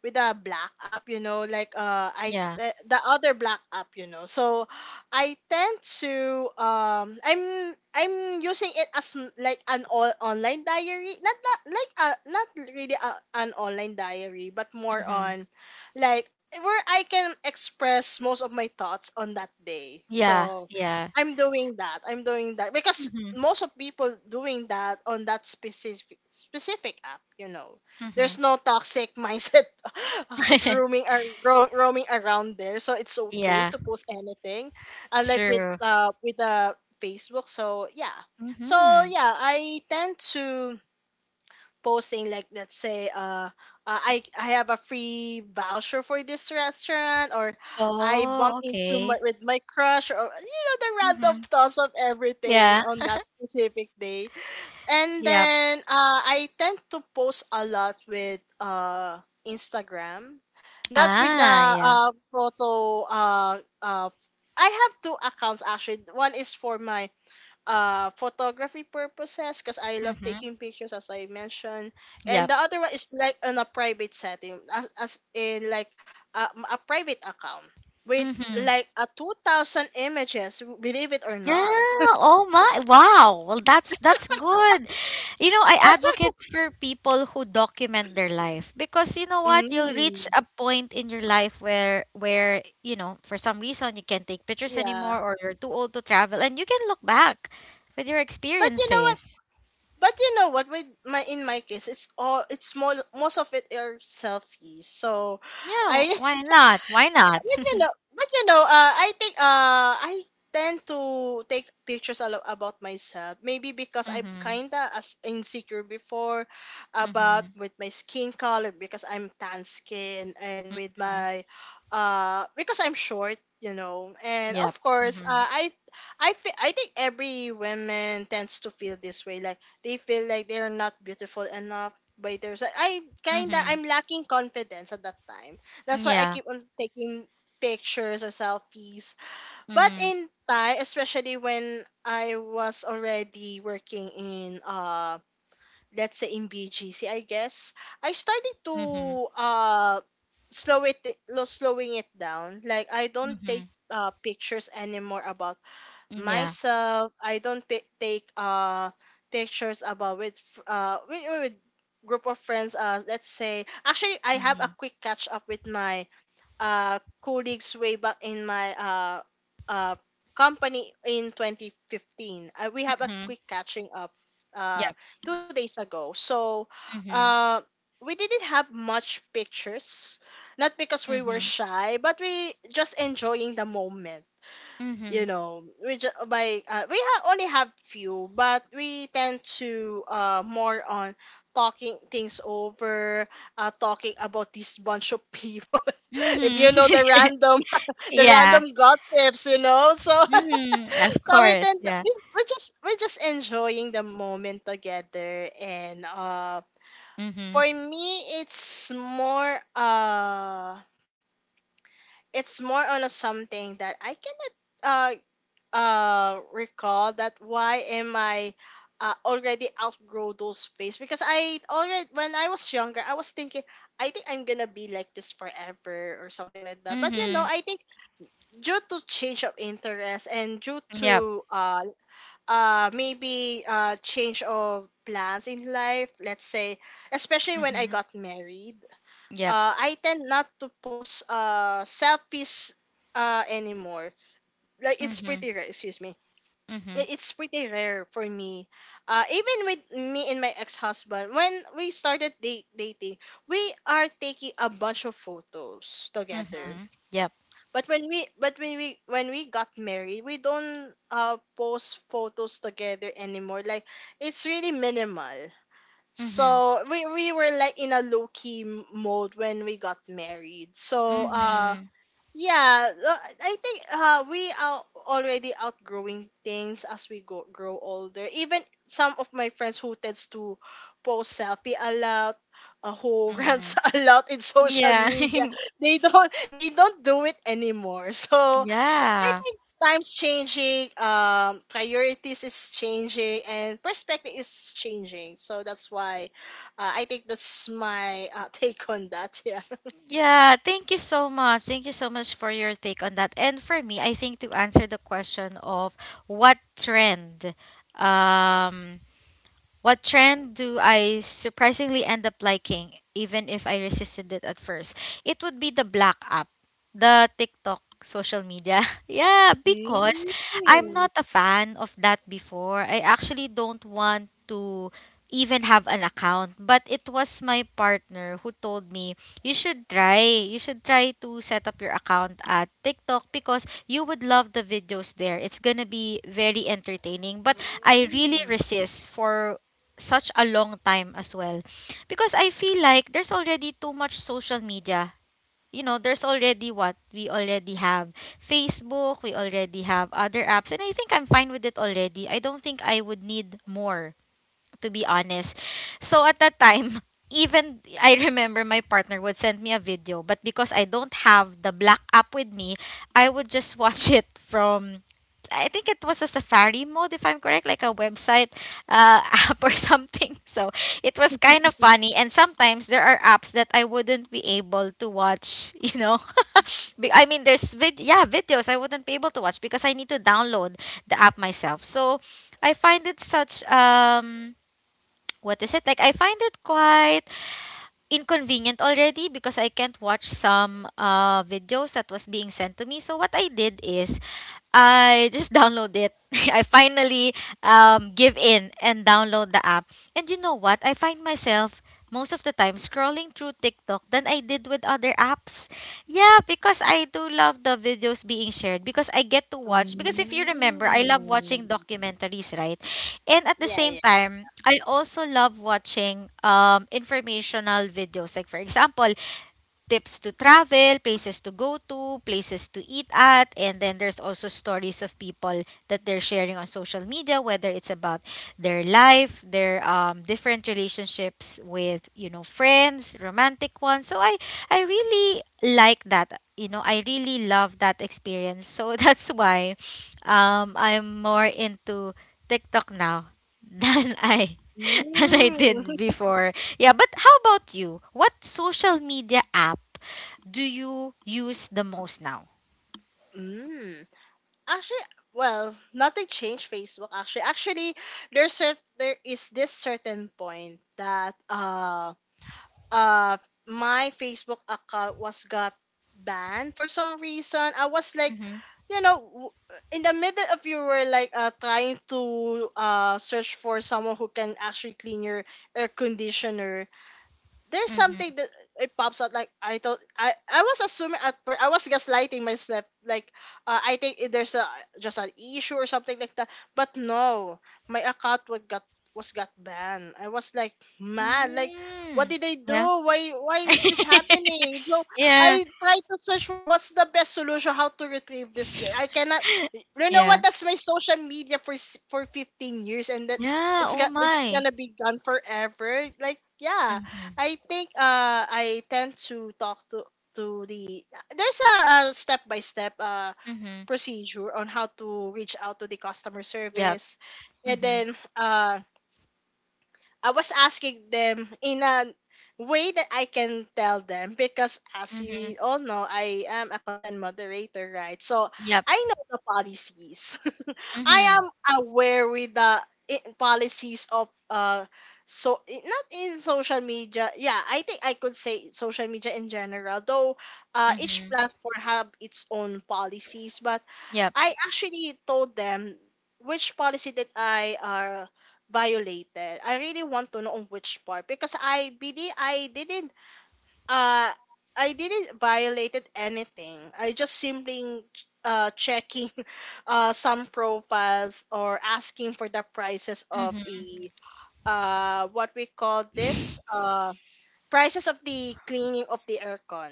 Speaker 2: with a black app, you know, like I
Speaker 1: Yeah.
Speaker 2: the other black app, you know. So I tend to I'm using it as like an all online diary, not like not really a, an online diary, but more
Speaker 1: Mhm.
Speaker 2: on like where I can express most of my thoughts on that day.
Speaker 1: Yeah.
Speaker 2: So
Speaker 1: Yeah.
Speaker 2: I'm doing that. I'm doing that because
Speaker 1: Mhm.
Speaker 2: most of people doing that on that specific app, you know. There's
Speaker 1: Mhm.
Speaker 2: no toxic mindset grooming or roaming around there, so it's okay
Speaker 1: Yeah.
Speaker 2: to post anything, unlike
Speaker 1: True.
Speaker 2: with the facebook. So yeah, so
Speaker 1: Mhm.
Speaker 2: yeah, I tend to posting like, let's say I have a free voucher for this restaurant, or I bump
Speaker 1: Oh.
Speaker 2: into my
Speaker 1: Okay.
Speaker 2: with my crush, or you know, the random
Speaker 1: Mhm.
Speaker 2: thoughts of everything
Speaker 1: Yeah.
Speaker 2: on that specific day. And
Speaker 1: Yep.
Speaker 2: then I tend to post a lot with Instagram. Not with the
Speaker 1: Ah. Yeah.
Speaker 2: photo I have two accounts actually. One is for my photography purposes because I love
Speaker 1: Mhm.
Speaker 2: taking pictures as I mentioned, and
Speaker 1: Yep.
Speaker 2: the other one is like on a private setting, as in like a, a private account with
Speaker 1: Mhm.
Speaker 2: like a 2000 images believe it or
Speaker 1: Yeah,
Speaker 2: not.
Speaker 1: oh my, wow. Well, that's good. You know, I advocate for people who document their life, because you know what, you'll reach
Speaker 2: Mm.
Speaker 1: a point in your life where, you know, for some reason you can't take pictures
Speaker 2: Yeah.
Speaker 1: anymore or you're too old to travel and you can look back with your
Speaker 2: But you know what?
Speaker 1: experiences.
Speaker 2: With my in my case, it's all, it's more, most of it are selfies. So,
Speaker 1: Yeah,
Speaker 2: I
Speaker 1: why not? Why not?
Speaker 2: but you know, I think I tend to take pictures a lot about myself. Maybe because I'm
Speaker 1: Mm-hmm.
Speaker 2: kinda as insecure before about
Speaker 1: Mm-hmm.
Speaker 2: with my skin color, because I'm tan skin, and with my because I'm short. You know, and
Speaker 1: Yep.
Speaker 2: of course,
Speaker 1: Mm-hmm.
Speaker 2: I think every woman tends to feel this way. Like they feel like they're not beautiful enough by their. I kinda,
Speaker 1: Mm-hmm.
Speaker 2: I'm lacking confidence at that time. That's why I
Speaker 1: Yeah.
Speaker 2: keep on taking pictures or selfies. But
Speaker 1: Mm-hmm.
Speaker 2: in Thai, especially when I was already working in let's say in BGC, I guess, I started
Speaker 1: Mm-hmm.
Speaker 2: to uh slow it slowing it down. Like I don't take
Speaker 1: Mm-hmm.
Speaker 2: pictures anymore about
Speaker 1: Yeah.
Speaker 2: myself. I don't pi take pictures about with with group of friends. Let's say actually I have a
Speaker 1: Mm-hmm.
Speaker 2: quick catch up with my colleagues way back in my uh, company in 2015. We have a
Speaker 1: Mm-hmm.
Speaker 2: quick catching up uh,
Speaker 1: Yep.
Speaker 2: 2 days ago. So
Speaker 1: Mm-hmm.
Speaker 2: uh, we didn't have much pictures, not because we were
Speaker 1: Mhm.
Speaker 2: shy, but we just enjoying the moment, you
Speaker 1: Mhm.
Speaker 2: know. We just by only have few, but we tend to more on talking things over, talking about this bunch of people. If
Speaker 1: Mhm.
Speaker 2: you know the random the
Speaker 1: Yeah.
Speaker 2: random gossips, you know. So
Speaker 1: Mhm. Of
Speaker 2: so we
Speaker 1: course.
Speaker 2: tend to,
Speaker 1: Yeah.
Speaker 2: we're just enjoying the moment together. And
Speaker 1: Mhm.
Speaker 2: for me, it's more, it's more on a something that I cannot uh recall that why am I already outgrow those phase. Because I already, when I was younger, I was thinking I think I'm gonna be like this forever or something like that. But you know,
Speaker 1: Mhm.
Speaker 2: I think due to change of interest, and due
Speaker 1: Yep.
Speaker 2: to maybe change of plans in life, let's say especially when I
Speaker 1: Mhm.
Speaker 2: got married,
Speaker 1: Yep.
Speaker 2: I tend not to post selfies anymore. Like, it's
Speaker 1: Mhm.
Speaker 2: pretty rare, excuse me.
Speaker 1: Mhm.
Speaker 2: It's pretty rare for me. Even with me and my ex-husband, when we started dating, we are taking a bunch of photos together.
Speaker 1: Mhm. Yep.
Speaker 2: But when we got married, we don't post photos together anymore. Like, it's really minimal.
Speaker 1: Mhm.
Speaker 2: So we were like in a low key mode when we got married. So
Speaker 1: Mhm.
Speaker 2: yeah, I think we are already outgrowing things as we go grow older. Even some of my friends who tends to post selfie a lot, who rants
Speaker 1: Mhm.
Speaker 2: a lot in social
Speaker 1: Yeah.
Speaker 2: media, they don't do it anymore. So I
Speaker 1: Yeah.
Speaker 2: think times changing, priorities is changing, and perspective is changing. So that's why, I think that's my take on that. Yeah.
Speaker 1: Yeah, thank you so much. Thank you so much for your take on that. And for me, I think to answer the question of what trend, um, what trend do I surprisingly end up liking, even if I resisted it at first? It would be the black app, the TikTok social media. Yeah, because
Speaker 2: Mm.
Speaker 1: I'm not a fan of that before. I actually don't want to even have an account. But it was my partner who told me, you should try. You should try to set up your account at TikTok, because you would love the videos there. It's gonna be very entertaining. But I really
Speaker 2: Mm.
Speaker 1: resist for such a long time as well. Because I feel like there's already too much social media. You know, there's already what we already have, Facebook, we already have other apps, and I think I'm fine with it already. I don't think I would need more, to be honest. So at that time, even I remember my partner would send me a video, but because I don't have the black app with me, I would just watch it from, I think it was a Safari mode, if I'm correct, like a website app or something. So it was kind of funny. And sometimes there are apps that I wouldn't be able to watch, you know. I mean, there's yeah, videos I wouldn't be able to watch because I need to download the app myself. So I find it such, um, what is it like, I find it quite inconvenient already because I can't watch some videos that was being sent to me. So what I did is I just download it. I finally, um, give in and download the app. And you know what, I find myself most of the time scrolling through TikTok than I did with other apps. Yeah, because I do love the videos being shared, because I get to watch,
Speaker 2: Mm.
Speaker 1: because if you remember, I love watching documentaries, right? And at the
Speaker 2: Yeah,
Speaker 1: same
Speaker 2: yeah.
Speaker 1: time, I also love watching, um, informational videos. Like for example, tips to travel, places to go to, places to eat at, and then there's also stories of people that they're sharing on social media, whether it's about their life, their, different relationships with you know friends, romantic ones. So I really like that. You know, I really love that experience. So that's why, I'm more into TikTok now than I than I
Speaker 2: Mm.
Speaker 1: did before. Yeah, but how about you? What social media app do you use the most now?
Speaker 2: Mm. Actually, well, nothing changed Facebook actually. Actually, there's there is this certain point that uh my Facebook account was got banned for some reason. I was like,
Speaker 1: Mm-hmm.
Speaker 2: you know, in the middle of, you were like trying to search for someone who can actually clean your air conditioner. There's something
Speaker 1: Mm-hmm.
Speaker 2: that it pops out, like I thought, I was assuming at first, I was gaslighting myself, like I think there's a just an issue or something like that. But no, my account was got, was got banned. I was like mad, like, what
Speaker 1: Mm.
Speaker 2: did I do?
Speaker 1: Yeah.
Speaker 2: Why is this happening? So
Speaker 1: Yeah.
Speaker 2: I tried to search for what's the best solution, how to retrieve this. I cannot, you know what,
Speaker 1: Yeah.
Speaker 2: that's my social media for for 15 years, and that
Speaker 1: Yeah.
Speaker 2: it's
Speaker 1: Oh
Speaker 2: got, it's
Speaker 1: my.
Speaker 2: gonna be gone forever, like. Yeah,
Speaker 1: Mm-hmm.
Speaker 2: I think I tend to talk to the, there's a step-by-step
Speaker 1: Mm-hmm.
Speaker 2: procedure on how to reach out to the customer
Speaker 1: Yep.
Speaker 2: service. And
Speaker 1: Mm-hmm.
Speaker 2: then I was asking them in a way that I can tell them, because as
Speaker 1: Mm-hmm.
Speaker 2: you all know, I am a content moderator, right? So
Speaker 1: Yep.
Speaker 2: I know the policies. I
Speaker 1: Mm-hmm.
Speaker 2: am aware with the policies of so not in social media. Yeah, I think I could say social media in general, though each
Speaker 1: Mm-hmm.
Speaker 2: platform have its own policies. But
Speaker 1: Yep.
Speaker 2: I actually told them which policy that I violated. I really want to know on which part, because I believe uh I didn't violated anything. I just simply checking some profiles, or asking for the prices of
Speaker 1: Mm-hmm.
Speaker 2: a what we call this, prices of the cleaning of the aircon.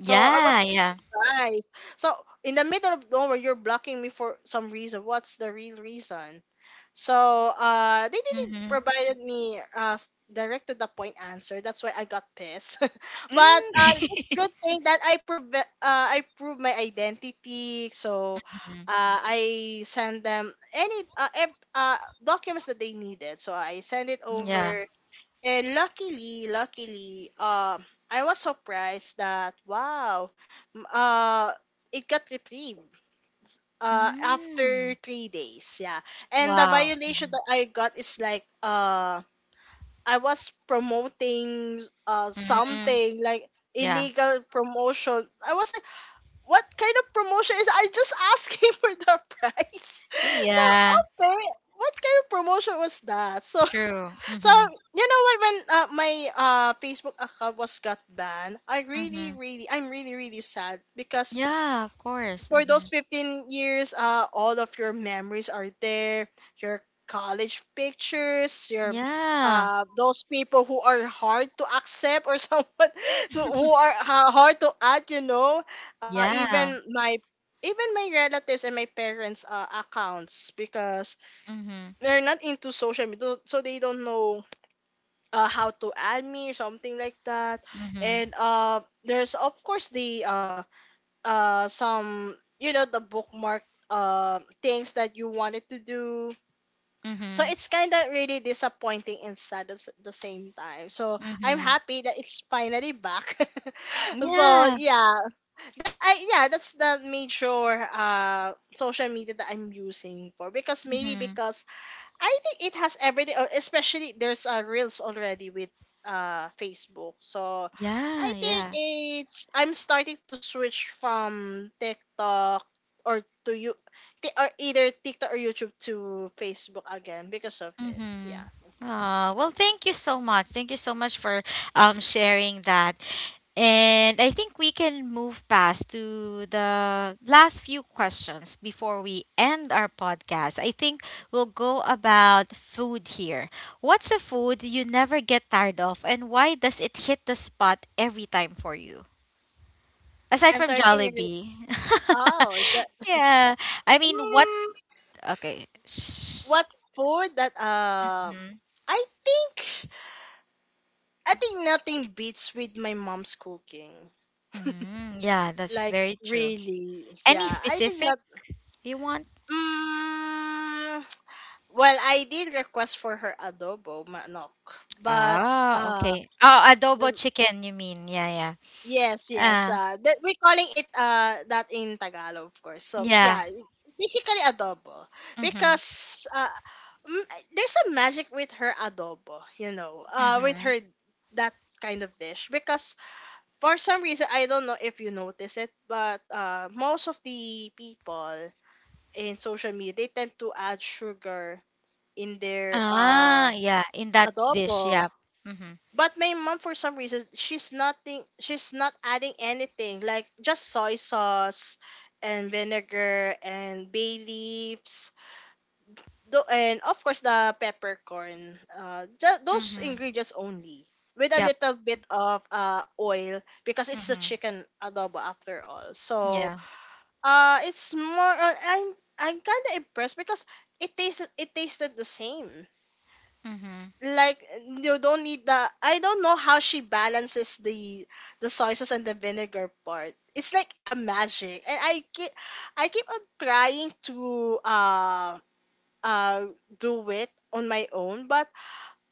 Speaker 2: So I was,
Speaker 1: Yeah. Yeah.
Speaker 2: Right. So in the middle of nowhere, you're blocking me for some reason. What's the real reason? So they didn't
Speaker 1: Mm-hmm.
Speaker 2: provided me direct to the point answer. That's why I got pissed. But it's a
Speaker 1: Mm.
Speaker 2: good thing that I prove I proved my identity. So
Speaker 1: Mhm.
Speaker 2: I send them any documents that they needed. So I send it
Speaker 1: Yeah.
Speaker 2: over. And luckily, I was surprised that, wow, m- uh, it got retrieved
Speaker 1: Mm.
Speaker 2: after 3 days. Yeah, and the
Speaker 1: Wow.
Speaker 2: violation that I got is like I was promoting
Speaker 1: Mm.
Speaker 2: something like
Speaker 1: Yeah.
Speaker 2: illegal promotion. I was like, what kind of promotion is? I just asking for the price. So
Speaker 1: Yeah,
Speaker 2: okay, what kind of promotion was that? So,
Speaker 1: it's true.
Speaker 2: so
Speaker 1: Mhm.
Speaker 2: you know what? When my Facebook account was got banned, I really,
Speaker 1: Mhm.
Speaker 2: really, I'm really, really sad, because
Speaker 1: Yeah, of course.
Speaker 2: for those
Speaker 1: Mhm.
Speaker 2: 15 years, all of your memories are there. Your college pictures, your
Speaker 1: Yeah.
Speaker 2: those people who are hard to accept, or someone who are hard to add. You know, uh,
Speaker 1: Yeah.
Speaker 2: even my even my relatives and my parents' accounts, because
Speaker 1: Mhm.
Speaker 2: they're not into social media, so they don't know how to add me something like that.
Speaker 1: Mhm.
Speaker 2: And there's of course the some, you know, the bookmark things that you wanted to do. So
Speaker 1: Mhm.
Speaker 2: it's kind of really disappointing and sad at the same time. So I'm
Speaker 1: Mhm.
Speaker 2: happy that it's finally back. So
Speaker 1: Yeah.
Speaker 2: yeah, that's I yeah, that's the major social media that I'm using for. Because maybe
Speaker 1: Mhm.
Speaker 2: because I think it has everything, or especially there's reels already with Facebook. So
Speaker 1: Yeah,
Speaker 2: I think
Speaker 1: yeah.
Speaker 2: it's, I'm starting to switch from TikTok or to you, or either TikTok or YouTube to Facebook again because of it.
Speaker 1: Mhm.
Speaker 2: Yeah.
Speaker 1: Well, thank you so much. Thank you so much for, um, sharing that. And I think we can move past to the last few questions before we end our podcast. I think we'll go about food here. What's a food you never get tired of, and why does it hit the spot every time for you? Aside
Speaker 2: I'm
Speaker 1: from
Speaker 2: sorry. Can you re-
Speaker 1: Jollibee.
Speaker 2: Oh, that,
Speaker 1: Yeah. I mean, what?
Speaker 2: Mm,
Speaker 1: Okay. Shh.
Speaker 2: what food that.
Speaker 1: Mhm.
Speaker 2: I think, nothing beats with my mom's cooking.
Speaker 1: Mhm. Yeah, that's
Speaker 2: Like
Speaker 1: very true.
Speaker 2: really,
Speaker 1: Any
Speaker 2: yeah. I think
Speaker 1: specific
Speaker 2: not.
Speaker 1: you want?
Speaker 2: Mm, well, I did request for her adobo manok, but
Speaker 1: Ah,
Speaker 2: uh,
Speaker 1: okay. Oh, adobo
Speaker 2: um,
Speaker 1: chicken, you mean. Yeah, yeah.
Speaker 2: yes,
Speaker 1: Ah,
Speaker 2: that we're calling it that in Tagalog, of course. So
Speaker 1: yeah.
Speaker 2: yeah, basically adobo
Speaker 1: Mm-hmm.
Speaker 2: because m- there's a magic with her adobo, with
Speaker 1: Mm-hmm.
Speaker 2: her that kind of dish because for some reason I don't know if you notice it, but most of the people in social media they tend to add sugar in their
Speaker 1: Ah, yeah. In that dish,
Speaker 2: adobo.
Speaker 1: yeah. Mm-hmm.
Speaker 2: But my mom, for some reason, she's nothing. She's not adding anything, like just soy sauce and vinegar and bay leaves. And of course the peppercorn. Just those
Speaker 1: Mm-hmm.
Speaker 2: ingredients only, with a
Speaker 1: Yep.
Speaker 2: little bit of oil because it's a
Speaker 1: Mm-hmm.
Speaker 2: chicken adobo after all. So
Speaker 1: Yeah.
Speaker 2: it's more on I'm kind of impressed because it tasted the same.
Speaker 1: Mm-hmm.
Speaker 2: Like you don't need the, I don't know how she balances the soy sauce and the vinegar part. It's like a magic. And I keep on trying to uh do it on my own, but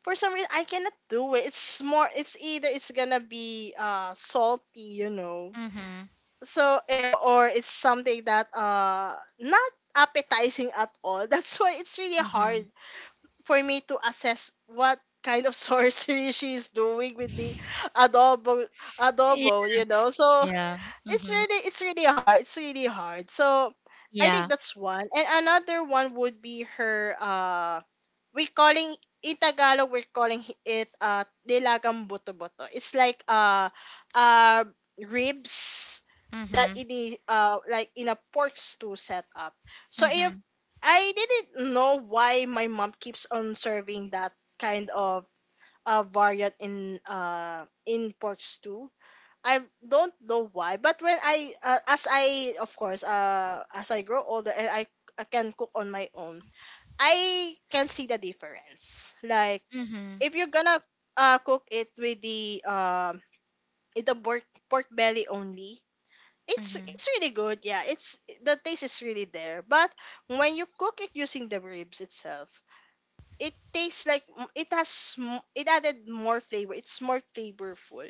Speaker 2: for some reason I cannot do it. It's either it's gonna be salty.
Speaker 1: Mm-hmm.
Speaker 2: So or it's something that not appetizing at all. That's why it's really
Speaker 1: Mm-hmm.
Speaker 2: hard for me to assess what kind of sorcery she's doing with the adobo
Speaker 1: Yeah.
Speaker 2: adobo, so
Speaker 1: Yeah.
Speaker 2: it's
Speaker 1: Mm-hmm.
Speaker 2: really it's really hard it's really hard so I think
Speaker 1: Yeah.
Speaker 2: that's one, and another one would be her we're calling, in Tagalog we're calling it, nilagang boto boto. It's like uh ribs, that
Speaker 1: Mm-hmm.
Speaker 2: in the like in a pork stew setup. So if
Speaker 1: Mm-hmm.
Speaker 2: I didn't know why my mom keeps on serving that kind of variant in pork stew. I don't know why, but when I as I, of course, as I grow older and I can cook on my own, I can see the difference. Like
Speaker 1: Mm-hmm.
Speaker 2: if you're gonna cook it with the pork belly only, it's
Speaker 1: Mm-hmm.
Speaker 2: it's really good. Yeah, it's, the taste is really there. But when you cook it using the ribs itself, it tastes like it added more flavor. It's more flavorful.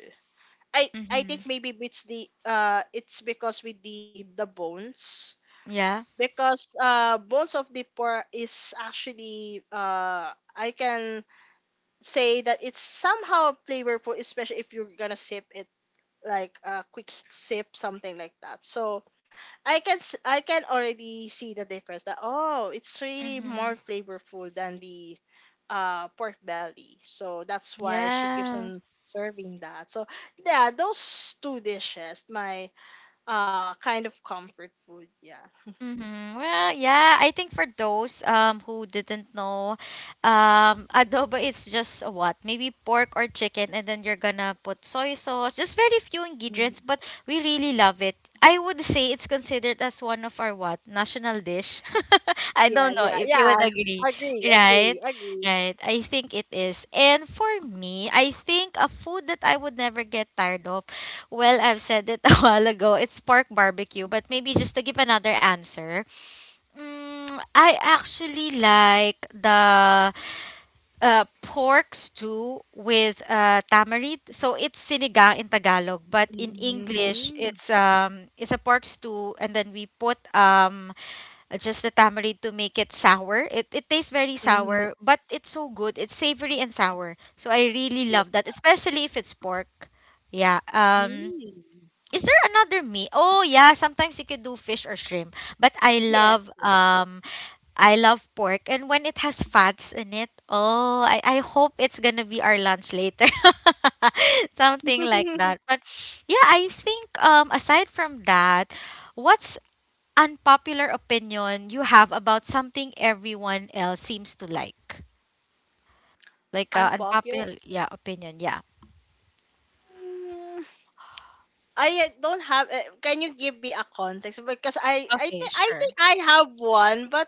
Speaker 2: I
Speaker 1: Mm-hmm.
Speaker 2: think maybe it's the, it's because with the bones,
Speaker 1: Yeah.
Speaker 2: because bones of the poor is actually, I can say that it's somehow flavorful, especially if you're gonna sip it like a quick sip, something like that. So I can already see the difference that, oh, it's really
Speaker 1: Mm-hmm.
Speaker 2: more flavorful than the pork belly. So that's why she keeps
Speaker 1: Yeah.
Speaker 2: on serving that. So yeah, those two dishes, my kind of comfort food, yeah.
Speaker 1: Mhm. Well, yeah, I think for those who didn't know, adobo, it's just what? Maybe pork or chicken and then you're gonna put soy sauce. Just very few ingredients,
Speaker 2: Mhm.
Speaker 1: but we really love it. I would say it's considered as one of our what? National dish. I
Speaker 2: Yeah,
Speaker 1: don't know
Speaker 2: yeah,
Speaker 1: if you
Speaker 2: yeah.
Speaker 1: would agree,
Speaker 2: Agree,
Speaker 1: right?
Speaker 2: agree, agree.
Speaker 1: Right. I think it is. And for me, I think a food that I would never get tired of, well, I've said it a while ago. It's pork barbecue, but maybe just to give another answer. Mm, I actually like the pork stew with tamarind. So it's sinigang in Tagalog, but in English
Speaker 2: Mm-hmm.
Speaker 1: it's a pork stew and then we put just the tamarind to make it sour. It tastes very
Speaker 2: Mm-hmm.
Speaker 1: sour, but it's so good. It's savory and sour. So I really
Speaker 2: Yeah.
Speaker 1: love that, especially if it's pork. Yeah.
Speaker 2: Mm.
Speaker 1: Is there another meat? Oh yeah, sometimes you could do fish or shrimp. But
Speaker 2: Yes.
Speaker 1: I love pork and when it has fats in it, oh, I hope it's gonna be our lunch later. Something like that. But yeah, I think aside from that, what's unpopular opinion you have about something everyone else seems to like? Like
Speaker 2: Unpopular.
Speaker 1: unpopular, yeah, opinion, yeah.
Speaker 2: Mm, I don't have. Can you give me a context? Because I, I
Speaker 1: Okay,
Speaker 2: think, I
Speaker 1: sure.
Speaker 2: think I have one, but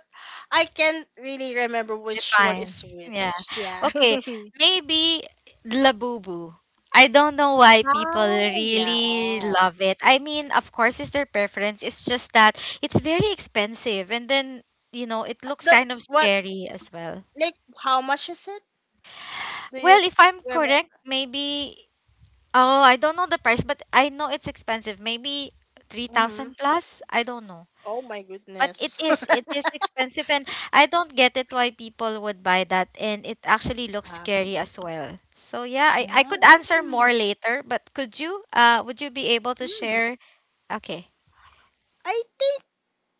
Speaker 2: I can't really remember which one
Speaker 1: Define.
Speaker 2: is
Speaker 1: Yeah.
Speaker 2: which. Yeah.
Speaker 1: Okay, maybe Labubu. I don't know why people
Speaker 2: Oh
Speaker 1: really
Speaker 2: yeah.
Speaker 1: love it. I mean, of course, it's their preference. It's just that it's very expensive, and then you know it looks
Speaker 2: That,
Speaker 1: kind of
Speaker 2: what?
Speaker 1: scary as well.
Speaker 2: Like how much is it? Do you
Speaker 1: Well, if I'm
Speaker 2: remember?
Speaker 1: correct, maybe oh, I don't know the price, but I know it's expensive. Maybe three
Speaker 2: Mm-hmm.
Speaker 1: thousand plus. I don't know.
Speaker 2: Oh my
Speaker 1: But it
Speaker 2: goodness.
Speaker 1: is, it is expensive and I don't get it why people would buy that and it actually looks
Speaker 2: Ah.
Speaker 1: scary as well. So yeah, I could answer
Speaker 2: mm,
Speaker 1: more later, but could you would you be able to
Speaker 2: mm.
Speaker 1: share? Okay.
Speaker 2: I think,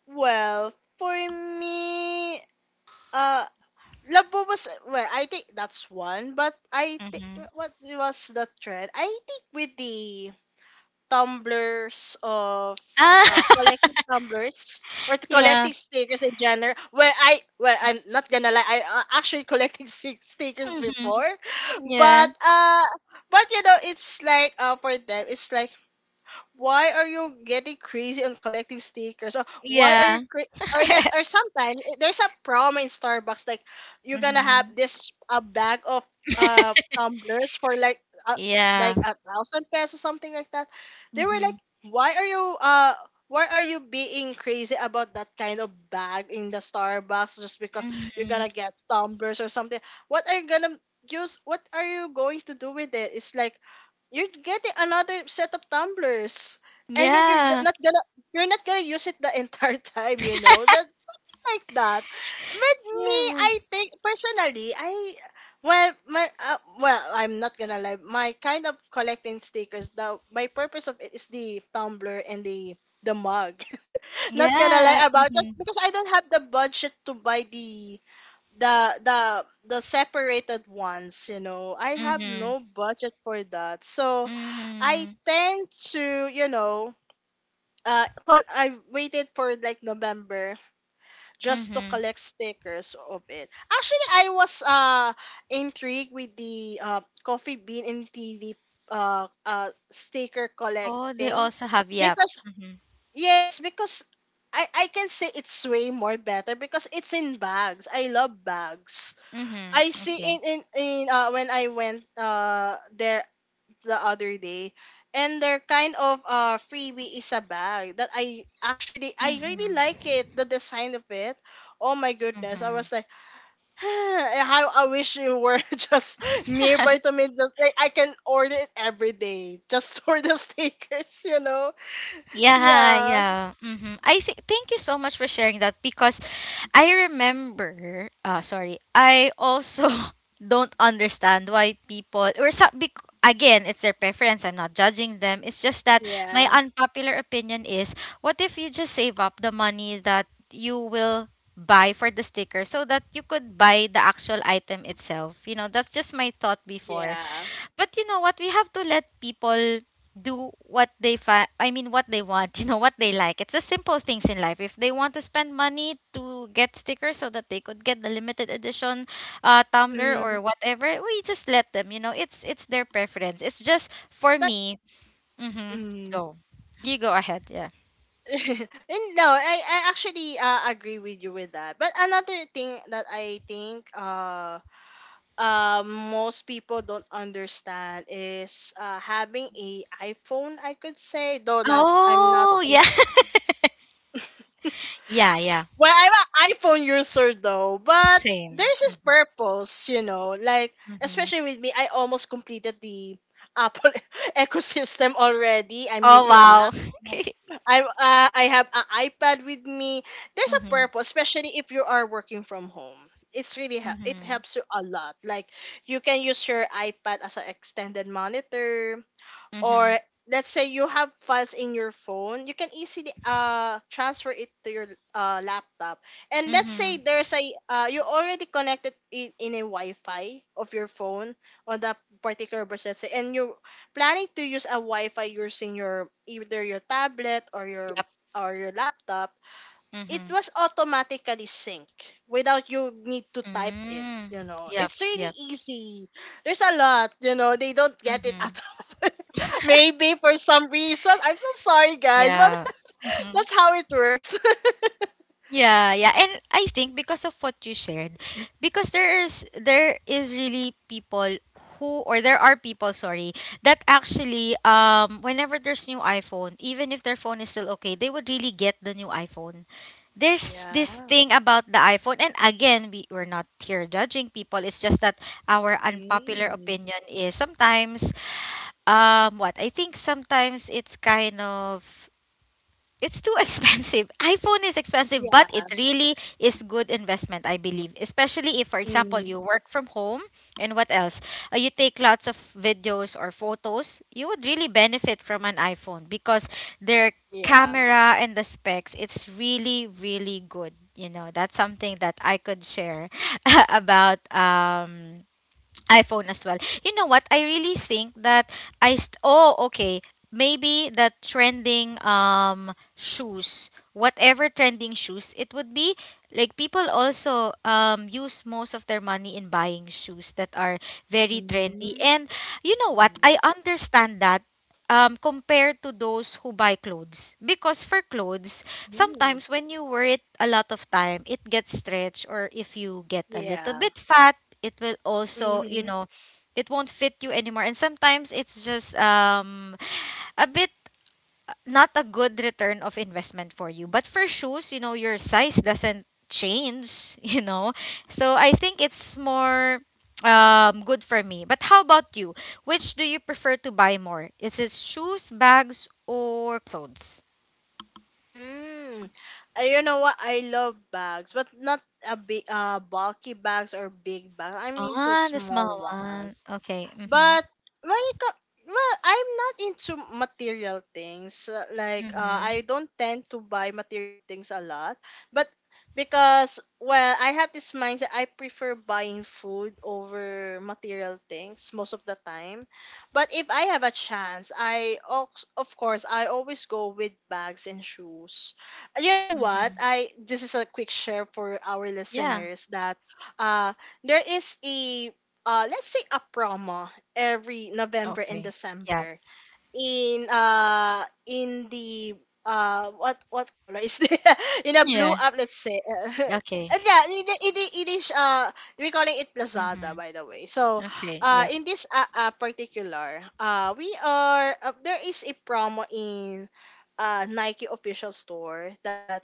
Speaker 2: well, for me. Uh, Labo was, well, I think that's one, but I think
Speaker 1: Mhm.
Speaker 2: what was the trend? I think with the tumblers of
Speaker 1: Ah,
Speaker 2: collecting tumblers, or
Speaker 1: yeah.
Speaker 2: collecting stickers in general. Well, I'm not gonna lie. I actually collecting stickers before,
Speaker 1: Mhm. Yeah.
Speaker 2: but but, it's like, for them, it's like, why are you getting crazy on collecting stickers? Or why are you
Speaker 1: Yeah.
Speaker 2: or less, or sometimes, there's a promo in Starbucks, like, you're gonna have
Speaker 1: Mhm.
Speaker 2: this a bag of tumblers for uh,
Speaker 1: Yeah.
Speaker 2: like 1,000 pesos, something like that. They were like,
Speaker 1: Mhm.
Speaker 2: why are you uh why are you being crazy about that kind of bag in the Starbucks just because you're
Speaker 1: Mhm.
Speaker 2: gonna get tumblers or something? what are you gonna what are you going to do with it? It's like, you're getting another set of tumblers, and yet you're g-
Speaker 1: Yeah.
Speaker 2: not gonna you're not gonna use it the entire time, you know that, like that. But me,
Speaker 1: Yeah.
Speaker 2: I think personally, I, well, I'm not gonna lie, my kind of collecting stickers, the my purpose of it is the tumbler and the mug. Not gonna lie
Speaker 1: Yeah.
Speaker 2: about this,
Speaker 1: Mhm.
Speaker 2: because I don't have the budget to buy the the the separated ones, you know. I have
Speaker 1: Mhm.
Speaker 2: no budget for that. So I
Speaker 1: Mhm.
Speaker 2: tend to, I waited for like November, just to
Speaker 1: Mhm.
Speaker 2: collect stickers of it. Actually, I was intrigued with the coffee bean and tea leaf sticker
Speaker 1: Oh, they
Speaker 2: collecting,
Speaker 1: also have yap.
Speaker 2: because
Speaker 1: Mhm.
Speaker 2: yes, because I can say it's way more better, because it's in bags. I love bags.
Speaker 1: Mhm.
Speaker 2: I see
Speaker 1: Okay.
Speaker 2: in when I went there the other day, and their kind of freebie is a bag that I, actually, I really
Speaker 1: Mhm.
Speaker 2: like it, the design of it. Oh my goodness. I
Speaker 1: Mhm.
Speaker 2: was like, how I wish you were just nearby to me, just like I can order it every day, just for the stickers.
Speaker 1: Yeah,
Speaker 2: Yeah.
Speaker 1: yeah. Mhm. I think thank you so much for sharing that because I remember sorry. I also don't understand why people or so, again, it's their preference. I'm not judging them. It's just that
Speaker 2: Yeah.
Speaker 1: my unpopular opinion is, what if you just save up the money that you will buy for the sticker so that you could buy the actual item itself. You know, that's just my thought before.
Speaker 2: Yeah.
Speaker 1: But you know what? We have to let people do what they I mean what they want, you know, what they like. It's the simple things in life. If they want to spend money to get stickers so that they could get the limited edition tumbler or
Speaker 2: Mm.
Speaker 1: whatever, we just let them, you know. It's their preference. It's just for
Speaker 2: But,
Speaker 1: me. Mhm.
Speaker 2: mm.
Speaker 1: Go. You go ahead, yeah.
Speaker 2: And no, I actually, agree with you with that. But another thing that I think, most people don't understand is, having a iPhone, I could say. Though not, I'm not
Speaker 1: Oh, yeah.
Speaker 2: gonna,
Speaker 1: Yeah, yeah.
Speaker 2: well, I'm an iPhone user, though, but
Speaker 1: Same.
Speaker 2: there's this
Speaker 1: Mhm.
Speaker 2: purpose, like,
Speaker 1: Mhm.
Speaker 2: especially with me, I almost completed the Apple ecosystem already. I'm
Speaker 1: Oh,
Speaker 2: using
Speaker 1: wow.
Speaker 2: a I'm I have an iPad with me. There's a
Speaker 1: Mhm.
Speaker 2: purpose, especially if you are working from home. It
Speaker 1: Mhm.
Speaker 2: helps you a lot. Like, you can use your iPad as an extended monitor, or
Speaker 1: Mhm.
Speaker 2: let's say you have files in your phone, you can easily transfer it to your laptop. And let's say
Speaker 1: Mhm.
Speaker 2: there's a you already connected it in a Wi-Fi of your phone on that particular bus, let's say, and you're planning to use a Wi-Fi using your, either your tablet or
Speaker 1: Yep.
Speaker 2: your laptop. It
Speaker 1: Mhm.
Speaker 2: was automatically sync, without you need to type it,
Speaker 1: Mm. Yep,
Speaker 2: it's really
Speaker 1: yep.
Speaker 2: easy. There's a lot, they don't get it
Speaker 1: Mm-hmm.
Speaker 2: at all. Maybe for some reason I'm so sorry guys, but
Speaker 1: Yeah. Mm-hmm.
Speaker 2: that's how it works.
Speaker 1: Yeah, yeah. And I think because of what you shared, because there is really people who, or there are people, sorry, that actually whenever there's new iPhone, even if their phone is still okay, they would really get the new iPhone. There's this
Speaker 2: Yeah.
Speaker 1: thing about the iPhone and again, we're not here judging people. It's just that our unpopular
Speaker 2: Mm.
Speaker 1: opinion is sometimes what? I think sometimes it's kind of, it's too expensive. iPhone is
Speaker 2: Yeah.
Speaker 1: expensive, but it really is good investment, I believe. Especially if, for example, you
Speaker 2: Mm.
Speaker 1: work from home and what else? You take lots of videos or photos, you would really benefit from an iPhone because their
Speaker 2: Yeah.
Speaker 1: camera and the specs, it's really, really good. You know, that's something that I could share about iPhone as well. You know what? I really think that oh okay, maybe the trending shoes, whatever trending shoes it would be, like people also use most of their money in buying shoes that are very trendy.
Speaker 2: Mm.
Speaker 1: And you know what, I understand that, compared to those who buy clothes, because for clothes
Speaker 2: Mm.
Speaker 1: sometimes when you wear it a lot of time it gets stretched, or if you get a little
Speaker 2: Yeah.
Speaker 1: bit fat it will also, you
Speaker 2: Hmm.
Speaker 1: know, it won't fit you anymore. And sometimes it's just a bit not a good return of investment for you. But for shoes, you know, your size doesn't change. You know, so I think it's more good for me. But how about you, which do you prefer to buy more, is it shoes, bags, or clothes?
Speaker 2: Mm. You know what? I love bags, but not a big, bulky bags or big bags. I'm into
Speaker 1: Ah, the
Speaker 2: small
Speaker 1: small one,
Speaker 2: ones.
Speaker 1: okay. Mm-hmm.
Speaker 2: But when it comes, well, I'm not into material things. Like,
Speaker 1: Mm-hmm.
Speaker 2: I don't tend to buy material things a lot, but because, well, I have this mindset. I prefer buying food over material things most of the time, but if I have a chance, of course I always go with bags and shoes. You know what?
Speaker 1: Mm-hmm.
Speaker 2: I This is a quick share for our
Speaker 1: Yeah,
Speaker 2: listeners, that uh there is a let's say a promo, every November and
Speaker 1: okay. Yeah,
Speaker 2: December, in the, what color is the in a blue
Speaker 1: yeah,
Speaker 2: up, let's say, and
Speaker 1: okay.
Speaker 2: yeah, it is, we're calling it Lazada, by
Speaker 1: Mm-hmm.
Speaker 2: the way. So
Speaker 1: Okay. Yep.
Speaker 2: in this particular, we are there is a promo in Nike official store, that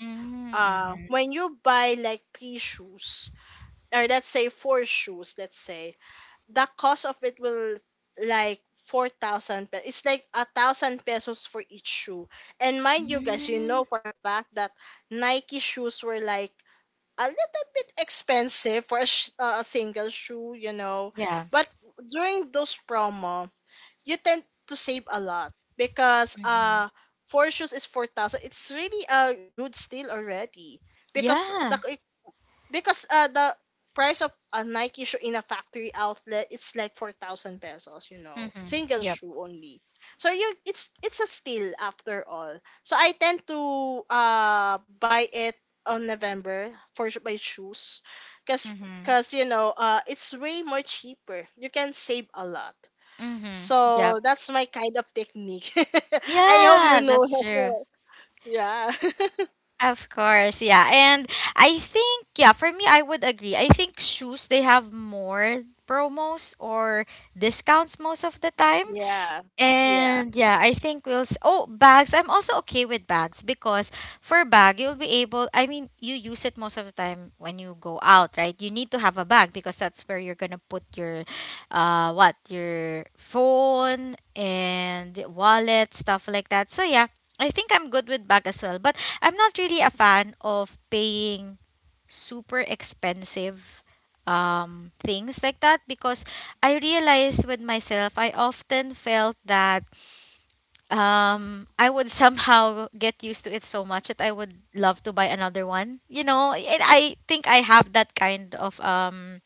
Speaker 1: Mm-hmm.
Speaker 2: when you buy like three shoes, or let's say four shoes, let's say the cost of it will like 4,000 pesos. It's like 1,000 pesos for each shoe. And mind you guys, you
Speaker 1: Mm-hmm.
Speaker 2: know for a fact that Nike shoes were like a little bit expensive for a, a single shoe.
Speaker 1: Yeah.
Speaker 2: But during those promo, you tend to save a lot, because
Speaker 1: Mm-hmm.
Speaker 2: four shoes is 4,000. It's really a good steal already, because
Speaker 1: Yeah.
Speaker 2: the price of a Nike shoe in a factory outlet, it's like 4,000 pesos, you know,
Speaker 1: Mm-hmm.
Speaker 2: single
Speaker 1: Yep.
Speaker 2: shoe only. So you it's a steal after all. So I tend to buy it on November for my shoes, cause
Speaker 1: Mm-hmm.
Speaker 2: cause it's way more cheaper. You can save a lot.
Speaker 1: Mm-hmm. Yep.
Speaker 2: So that's my kind of technique. I hope you
Speaker 1: Yeah,
Speaker 2: know.
Speaker 1: that's true.
Speaker 2: Yeah.
Speaker 1: Of course, yeah. And I think, yeah, for me, I would agree. I think shoes, they have more promos or discounts most of the time.
Speaker 2: Yeah. Yeah.
Speaker 1: And yeah, I think we'll. Oh, bags. I'm also okay with bags because for bag, you'll be able. I mean, you use it most of the time when you go out, right? You need to have a bag because that's where you're gonna put your, what, your phone and wallet stuff like that. So yeah, I think I'm good with bag as well. But I'm not really a fan of paying super expensive things like that, because I realized with myself, I often felt that I would somehow get used to it so much that I would love to buy another one. You know, and I think I have that kind of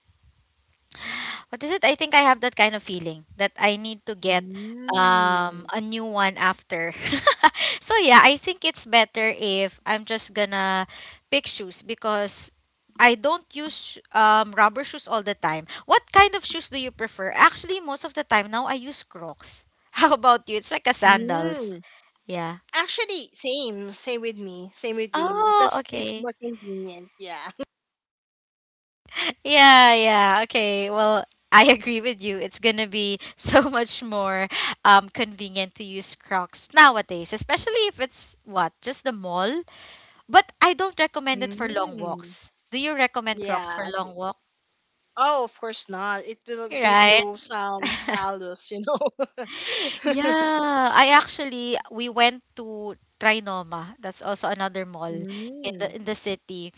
Speaker 1: what is it? I think I have that kind of feeling that I need to get
Speaker 2: Mm.
Speaker 1: a new one after. So yeah, I think it's better if I'm just gonna pick shoes because I don't use rubber shoes all the time. What kind of shoes do you prefer? Actually, most of the time now I use Crocs. How about you? It's like a sandals.
Speaker 2: Mm.
Speaker 1: Yeah.
Speaker 2: Actually, same with me,
Speaker 1: Oh,
Speaker 2: because it's more
Speaker 1: okay.
Speaker 2: convenient. Yeah.
Speaker 1: Yeah, yeah. Okay. Well, I agree with you. It's gonna be so much more convenient to use Crocs nowadays, especially if it's what, just the mall. But I don't recommend it for long
Speaker 2: Mm.
Speaker 1: walks. Do you recommend Crocs for
Speaker 2: Yeah.
Speaker 1: long walk?
Speaker 2: Oh, of course not. It will give
Speaker 1: Right?
Speaker 2: you some callus, you know.
Speaker 1: Yeah, I actually we went to Trinoma. That's also another mall
Speaker 2: Mm.
Speaker 1: in the city.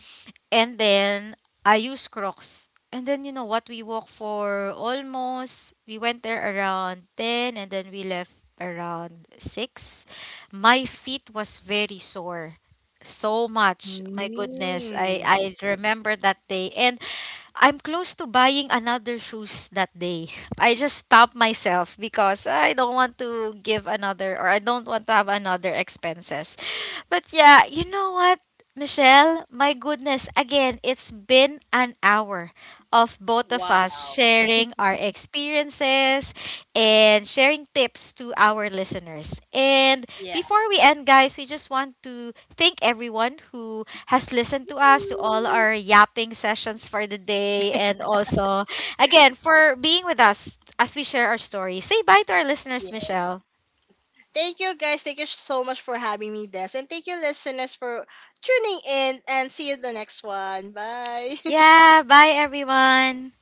Speaker 1: And then I use Crocs. And then you know what? We walk for almost we went there around 10 and then we left around 6. My feet was very sore. So much. My goodness. I
Speaker 2: Mm.
Speaker 1: remember that day. And I'm close to buying another shoes that day. I just stopped myself because I don't want to give another, or I don't want to have another expenses. But yeah, you know what, Michelle? My goodness, again, it's been an hour of both of us
Speaker 2: Wow.
Speaker 1: sharing our experiences and sharing tips to our listeners. And
Speaker 2: Yeah.
Speaker 1: before we end, guys, we just want to thank everyone who has listened to us, to all
Speaker 2: Mm.
Speaker 1: our yapping sessions for the day, and also, again, for being with us as we share our story. Say bye to our listeners,
Speaker 2: Yeah.
Speaker 1: Michelle.
Speaker 2: Thank you guys. Thank you so much for having me, Des, and thank you listeners for tuning in. And see you in the next one. Bye.
Speaker 1: Yeah, bye everyone.